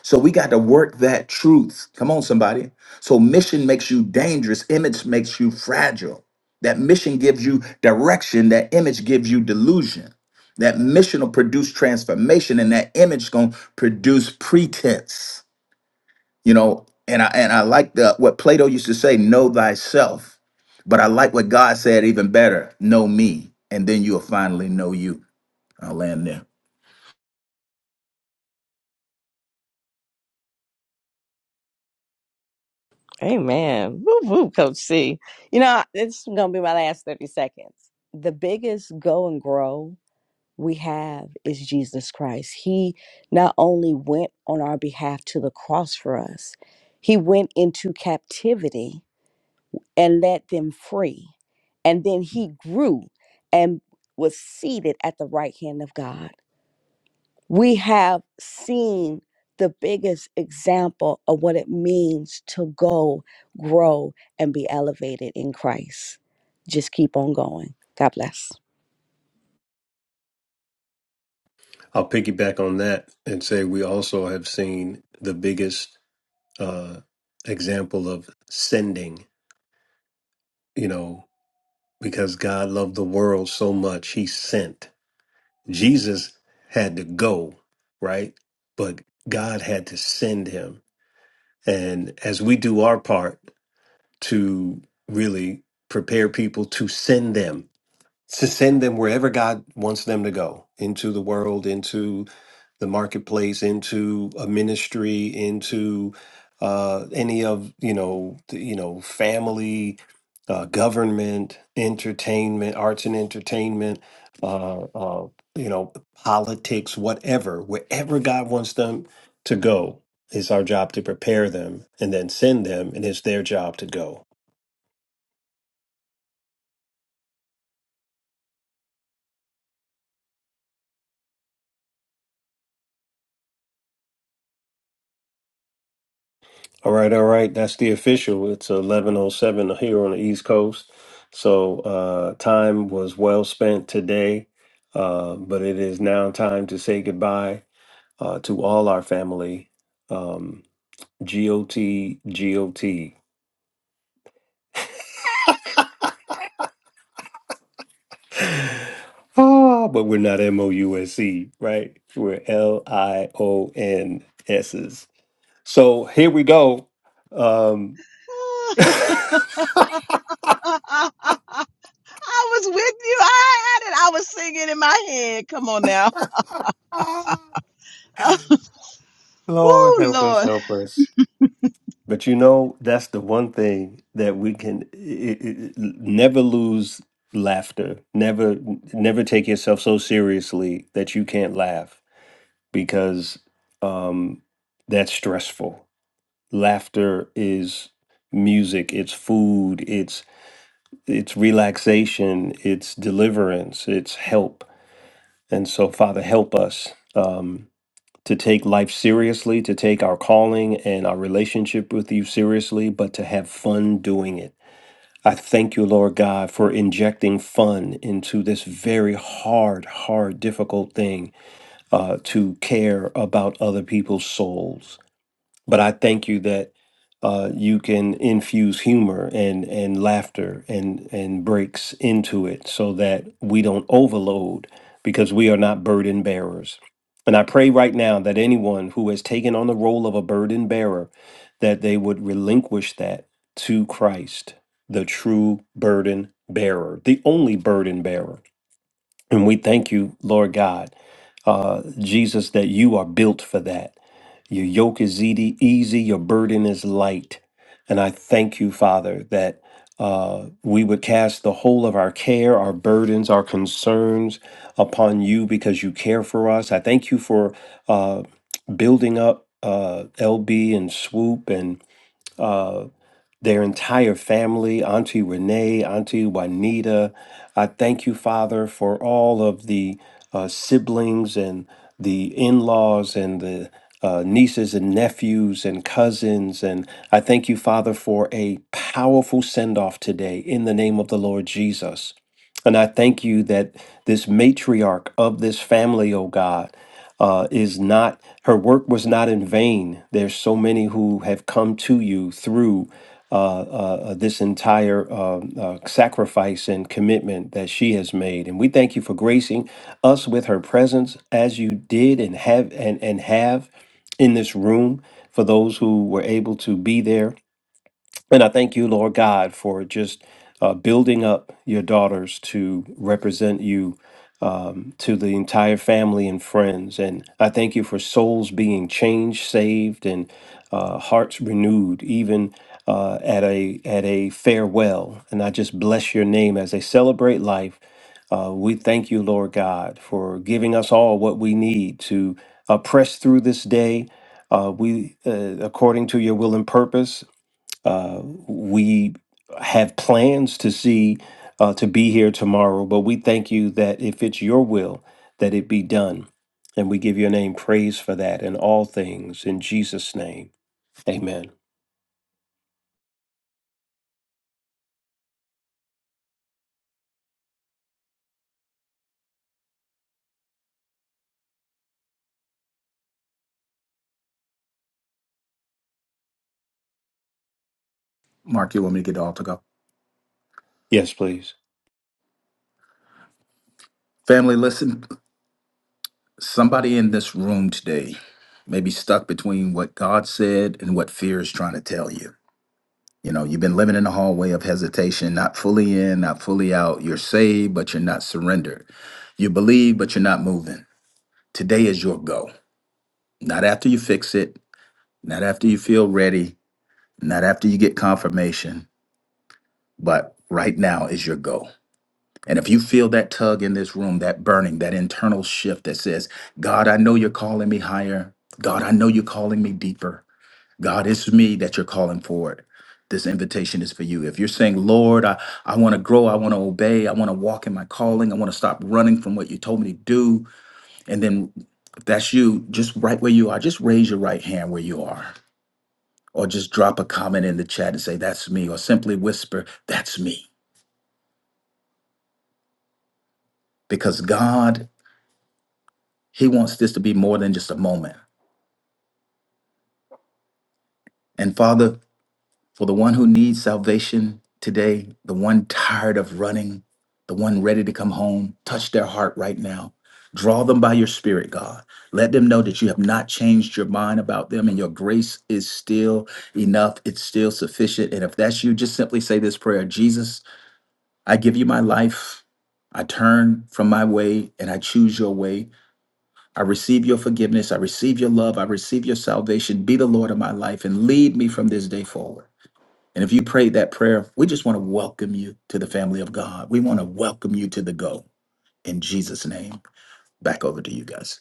F: So we got to work that truth. Come on, somebody. So mission makes you dangerous, image makes you fragile. That mission gives you direction, that image gives you delusion. That mission will produce transformation, and that image gonna produce pretense. You know, and I and I like the what Plato used to say, know thyself. But I like what God said even better, know me, and then you'll finally know you. I'll land there.
E: Amen. Woo woo, Coach C. You know, it's gonna be my last 30 seconds. The biggest go and grow we have is Jesus Christ. He not only went on our behalf to the cross for us, he went into captivity and let them free. And then he grew and was seated at the right hand of God we have seen the biggest example of what it means to go, grow, and be elevated in Christ. Just keep on going. God bless.
A: I'll piggyback on that and say we also have seen the biggest uh, example of sending, you know, because God loved the world so much, he sent. Jesus had to go, right? But God had to send him. And as we do our part to really prepare people to send them, to send them wherever God wants them to go into the world, into the marketplace into a ministry into uh, any of you know the- you know family uh, government entertainment arts and entertainment uh, uh, you know politics whatever wherever god wants them to go it's our job to prepare them and then send them and it's their job to go All right, all right. That's the official. It's 11:07 here on the East Coast. So, uh time was well spent today. Uh but it is now time to say goodbye uh to all our family. Um G O E G. E. Ah, but we're not M O U S E, right? We're L I O N S's. So, here we go. um
B: I was with you. I had it. I was singing in my head. Come on now.
A: Lord
B: oh,
A: help
B: Lord.
A: us, help us. But you know, that's the one thing that we can it, it, never lose laughter. Never, never take yourself so seriously that you can't laugh because um, that's stressful. Laughter is music. It's food. It's it's relaxation. It's deliverance. It's help. And so, Father, help us. Um, to take life seriously, to take our calling and our relationship with you seriously, but to have fun doing it. I thank you, Lord God, for injecting fun into this very hard, hard, difficult thing uh, to care about other people's souls. But I thank you that uh, you can infuse humor and and laughter and and breaks into it so that we don't overload because we are not burden bearers. And I pray right now that anyone who has taken on the role of a burden bearer that they would relinquish that to Christ, the true burden bearer, the only burden bearer and we thank you, Lord God, uh, Jesus, that you are built for that. Your yoke is easy, easy, your burden is light. And I thank you, Father, that uh, we would cast the whole of our care, our burdens, our concerns upon you because you care for us. I thank you for uh, building up uh, LB and Swoop and uh, their entire family, Auntie Renee, Auntie Juanita. I thank you, Father, for all of the uh, siblings and the in laws and the uh, nieces and nephews and cousins. And I thank you, Father, for a powerful send off today in the name of the Lord Jesus. And I thank you that this matriarch of this family, oh God, uh, is not her work was not in vain. There's so many who have come to you through uh, uh, this entire um uh, sacrifice and commitment that she has made, and we thank you for gracing us with her presence as you did and have and and have in this room for those who were able to be there and I thank you, Lord God, for just uh, building up your daughters to represent you um, to the entire family and friends. And I thank you for souls being changed, saved, and uh, hearts renewed, even uh, at a at a farewell. And I just bless your name as they celebrate life. Uh, we thank you, Lord God, for giving us all what we need to uh, press through this day. Uh, we, uh, according to your will and purpose, uh, we have plans to see uh, to be here tomorrow, but we thank you that if it's your will, that it be done. And we give your name praise for that in all things. In Jesus' name, amen.
F: Mark, you want me to get all to go?
A: Yes, please.
F: Family, listen. Somebody in this room today may be stuck between what God said and what fear is trying to tell you. You know, you've been living in a hallway of hesitation, not fully in, not fully out. You're saved, but you're not surrendered. You believe, but you're not moving. Today is your go. Not after you fix it, not after you feel ready, not after you get confirmation, but right now is your go. And if you feel that tug in this room, that burning, that internal shift that says, God, I know you're calling me higher. God, I know you're calling me deeper. God, it's me that you're calling forward. This invitation is for you. If you're saying, Lord, I, I want to grow, I want to obey, I want to walk in my calling, I want to stop running from what you told me to do. And then if that's you, just right where you are, just raise your right hand where you are. Or just drop a comment in the chat and say, That's me. Or simply whisper, That's me. Because God He wants this to be more than just a moment. And Father, for the one who needs salvation today, the one tired of running, the one ready to come home, touch their heart right now. Draw them by your spirit, God. Let them know that you have not changed your mind about them and your grace is still enough. It's still sufficient. And if that's you, just simply say this prayer Jesus, I give you my life. I turn from my way and I choose your way. I receive your forgiveness. I receive your love. I receive your salvation. Be the Lord of my life and lead me from this day forward. And if you prayed that prayer, we just want to welcome you to the family of God. We want to welcome you to the go. In Jesus' name, back over to you guys.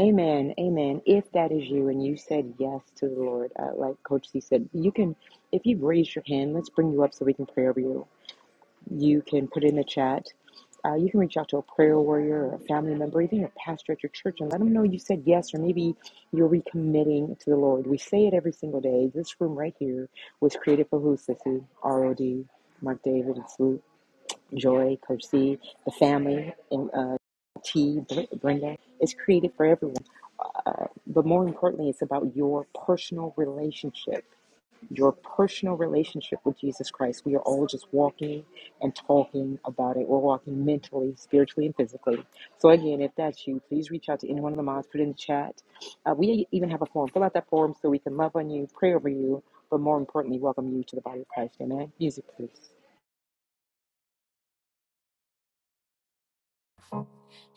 D: Amen. Amen. If that is you and you said yes to the Lord, uh, like Coach C said, you can, if you've raised your hand, let's bring you up so we can pray over you. you can put in the chat. Uh, you can reach out to a prayer warrior or a family member, even a pastor at your church, and let them know you said yes, or maybe you're recommitting to the Lord. We say it every single day. This room right here was created for who, Sissy? ROD, Mark David, and Swoop, Joy, Coach C, the family, and uh, T, Br- Brenda. It's created for everyone. But more importantly, it's about your personal relationship your personal relationship with Jesus Christ. We are all just walking and talking about it. We're walking mentally, spiritually, and physically. So, again, if that's you, please reach out to any one of the mods, put it in the chat. Uh, we even have a form. Fill out that form so we can love on you, pray over you, but more importantly, welcome you to the body of Christ. Amen. Music, please.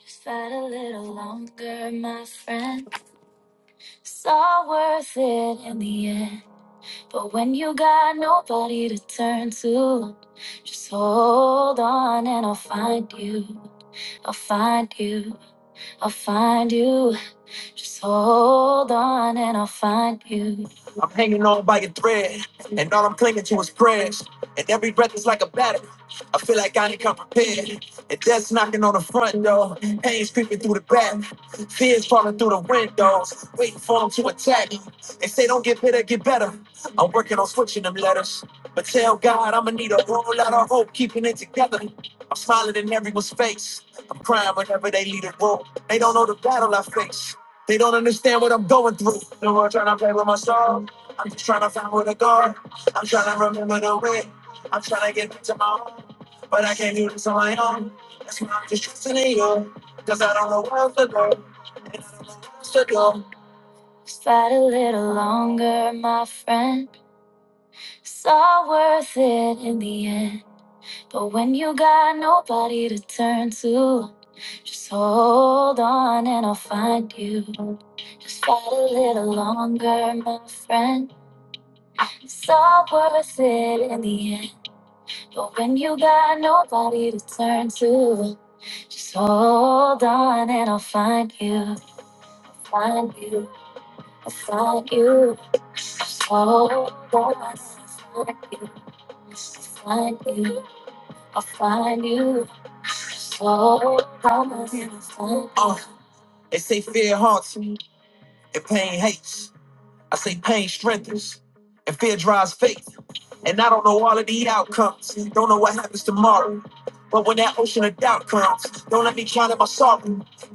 A: Just fight a little longer, my friend. It's all worth it in the end. But when you got nobody to turn to, just hold on and I'll find you. I'll find you. I'll find you. Just hold on and I'll find you. I'm hanging on by a thread, and all I'm clinging to is prayers. And every breath is like a battle. I feel like I ain't come prepared. And death's knocking on the front door, pain's creeping through the back, fears falling through the windows, waiting for them to attack. They say don't get bitter, get better. I'm working on switching them letters, but tell God I'ma need a whole lot of hope keeping it together. I'm smiling in everyone's face. I'm crying whenever they leave the room. They don't know the battle I face. They don't understand what I'm going through. The world trying to play with my soul. I'm just trying to find where to go. I'm trying to remember the way. I'm trying to get back to my home. But I can't do this on my own. That's why I'm just trusting in you. Just Fight a little longer, my friend. It's all worth it in the end. But when you got nobody to turn to, just hold on and I'll find you. Just fight a little longer, my friend. It's all worth it in the end. But when you got nobody to turn to, just hold on and I'll find you. Find you. I'll find you. Just hold on and I'll find you. Just find you. I'll find you. Just hold on and I'll find you. Oh, they say fear haunts me and pain hates. I say pain strengthens and fear drives faith. And I don't know all of the outcomes. Don't know what happens tomorrow. But when that ocean of doubt comes, don't let me drown in my sorrow.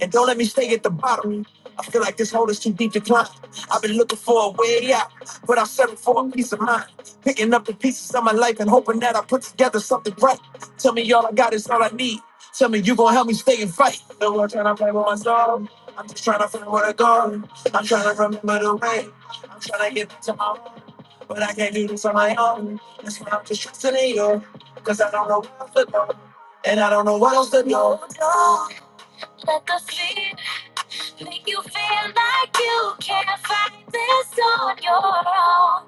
A: And don't let me stay at the bottom. I feel like this hole is too deep to climb. I've been looking for a way out, but I settled for a peace of mind. Picking up the pieces of my life and hoping that I put together something right. Tell me all I got is all I need. Tell me you gonna help me stay and fight. No one trying to play with my soul. I'm just trying to find where to go. I'm trying to remember the way. I'm trying to hit the top. Don't let the fear make you feel like you can't fight this on your own.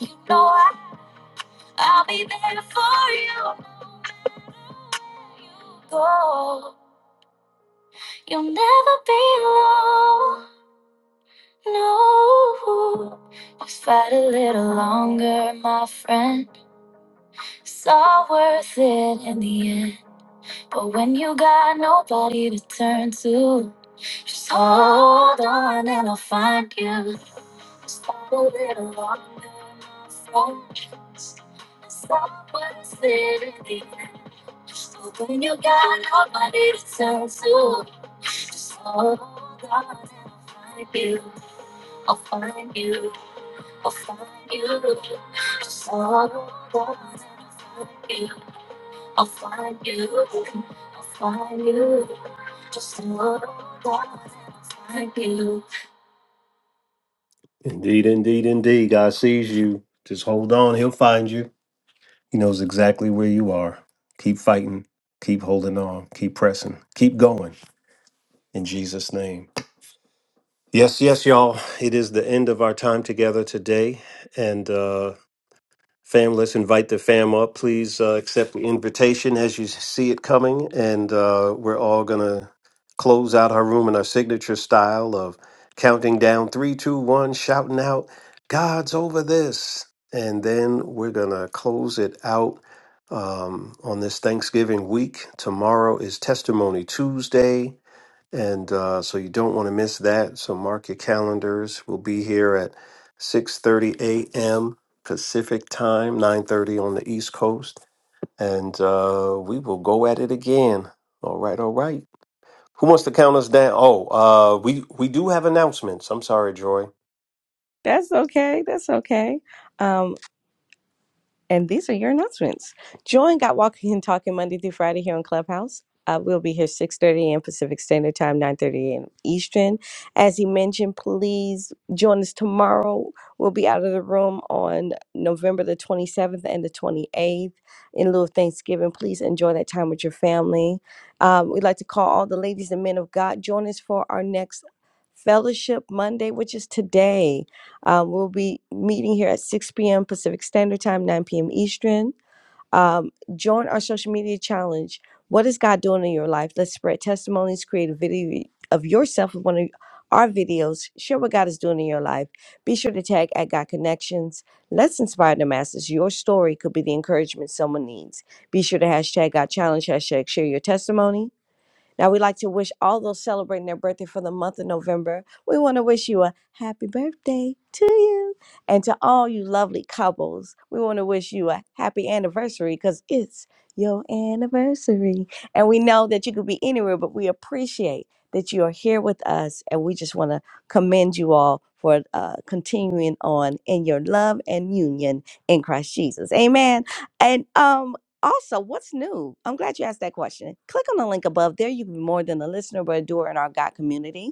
A: You know I, I'll be there for you. No matter You go. You'll never be alone. No. Just fight a little longer, my friend. It's all worth it in the end. But when you got nobody to turn to, just hold on and I'll find you. Stop a little longer, my friend. Stop what I said at the end. Just open your God, nobody to turn to. Just follow God and I'll find you. I'll find you. I'll find you. Just follow God and I'll find you. I'll find you. I'll find you. Just follow God and I'll find you. Indeed, indeed, indeed. God sees you. Just hold on. He'll find you. He knows exactly where you are. Keep fighting. Keep holding on. Keep pressing. Keep going in Jesus' name. Yes, yes, y'all. It is the end of our time together today. And uh, Fam, let's invite the fam up. Please uh, accept the invitation as you see it coming. And uh, we're all going to close out our room in our signature style of counting down three, two, one, shouting out, God's over this. And then we're going to close it out um, on this Thanksgiving week. Tomorrow is Testimony Tuesday. And uh, so you don't want to miss that. So mark your calendars. We'll be here at 6:30 a.m. Pacific time, 9:30 on the East Coast, and uh, we will go at it again. All right, all right. Who wants to count us down? Oh, uh, we we do have announcements. I'm sorry, Joy.
E: That's okay. That's okay. And these are your announcements. Join Got Walking and Talking Monday through Friday here on Clubhouse. Uh, we'll be here 6.30 a.m. Pacific Standard Time, 9.30 a.m. Eastern. As he mentioned, please join us tomorrow. We'll be out of the room on November the 27th and the 28th in lieu of Thanksgiving. Please enjoy that time with your family. Um, we'd like to call all the ladies and men of God. Join us for our next Fellowship Monday, which is today. Um, we'll be meeting here at 6 p.m. Pacific Standard Time, 9 p.m. Eastern. Um, join our social media challenge. What is God doing in your life? Let's spread testimonies, create a video of yourself with one of our videos. Share what God is doing in your life. Be sure to tag at God Connections. Let's inspire the masses. Your story could be the encouragement someone needs. Be sure to hashtag God Challenge, hashtag share your testimony now, we'd like to wish all those celebrating their birthday for the month of November. We want to wish you a happy birthday to you. And to all you lovely couples, we want to wish you a happy anniversary because it's your anniversary. And we know that you could be anywhere, but we appreciate that you are here with us. And we just want to commend you all for uh, continuing on in your love and union in Christ Jesus. Amen. And um, also, what's new? I'm glad you asked that question. Click on the link above. There, you can be more than a listener, but a doer in our God community.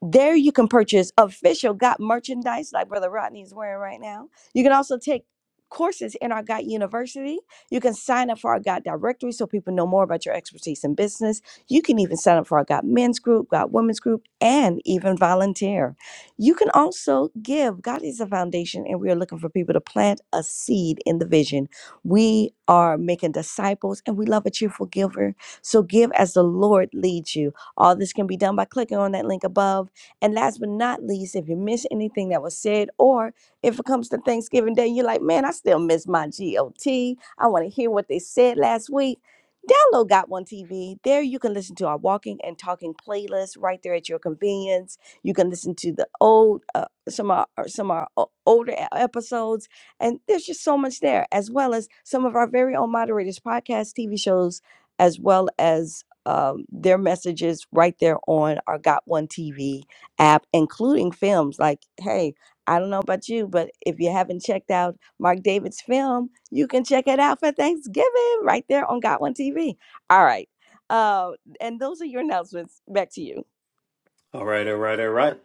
E: There you can purchase official GOT merchandise like Brother Rodney is wearing right now. You can also take courses in our GOT University. You can sign up for our GOT directory so people know more about your expertise in business. You can even sign up for our GOT men's group, GOT women's group, and even volunteer. You can also give. God is a foundation, and we are looking for people to plant a seed in the vision. We are making disciples, and we love a cheerful giver. So give as the Lord leads you. All this can be done by clicking on that link above and last but not least, if you miss anything that was said, or if it comes to Thanksgiving Day, you're like, man, I still miss my GOT. I want to hear what they said last week. Download Got One TV. There you can listen to our walking and talking playlist right there at your convenience. You can listen to the old, uh, some of our, some of our o- older e- episodes, and there's just so much there, as well as some of our very own moderators' podcast, TV shows, as well as um, their messages right there on our Got One TV app, including films. Like, hey, I don't know about you, but if you haven't checked out Mark David's film, you can check it out for Thanksgiving right there on Got One TV. All right. Uh, and those are your announcements. Back to you.
A: All right, all right, all right.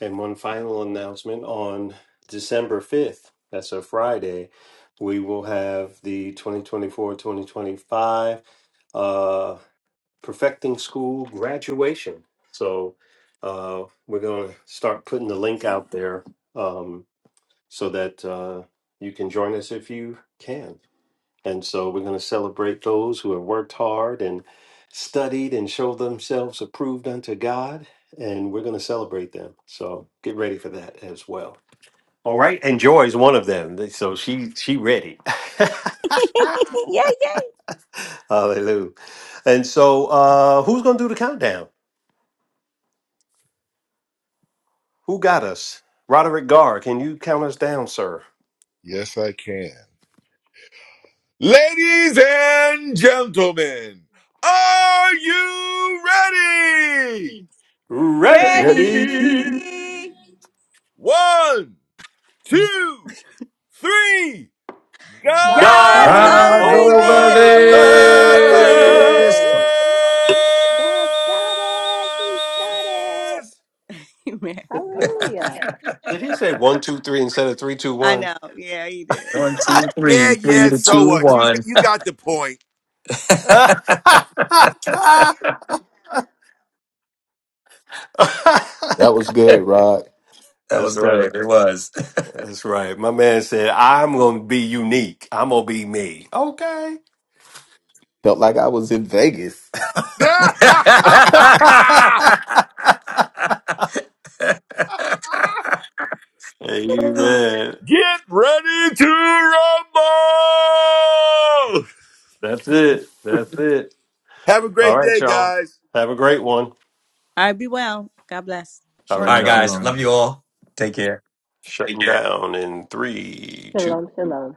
A: And one final announcement on December 5th. That's a Friday. We will have the 2024-2025 perfecting school graduation. So uh, we're going to start putting the link out there um, so that uh, you can join us if you can. And so we're going to celebrate those who have worked hard and studied and showed themselves approved unto God. And we're going to celebrate them. So get ready for that as well. All right, and Joy is one of them. So she she ready.
E: yay, yay.
A: Hallelujah. And so uh who's gonna do the countdown? Who got us? Roderick Garr, can you count us down, sir?
H: Yes, I can. Ladies and gentlemen, are you ready?
F: Ready?
A: Ready?
E: Ready?
H: One, two, three. God
E: God's
I: God's
A: God's
C: God's
H: is
E: over
I: over
C: over
E: this.
A: over
H: over
A: there.
C: this.
I: this. God's got it. He's got it.
H: this.
E: Amen.
I: Hallelujah.
A: Did he say one, two, three instead of three, two,
E: I
A: one?
E: know. Yeah, he did.
C: One, two,
H: Yeah,
C: three, three
H: yeah.
C: to
H: So
C: two,
H: what? You
C: one.
H: you got the point.
A: That's
F: That was good, Rod.
C: That was
A: right.
C: good. It was.
A: That's right. My man said, I'm going to be unique. I'm going to be me. Okay.
F: Felt like I was in Vegas.
C: all
A: Amen.
H: Get ready to rumble!
A: That's it.
H: Have a
A: All
H: great
A: right.
H: day,
A: All
H: guys.
E: All right, be well. God bless.
A: right,
C: right,
F: Shalom,
A: y'all.
C: guys. Love
F: shalom.
C: you all. Take care.
A: Shutting down in three, two.
I: Shalom, shalom.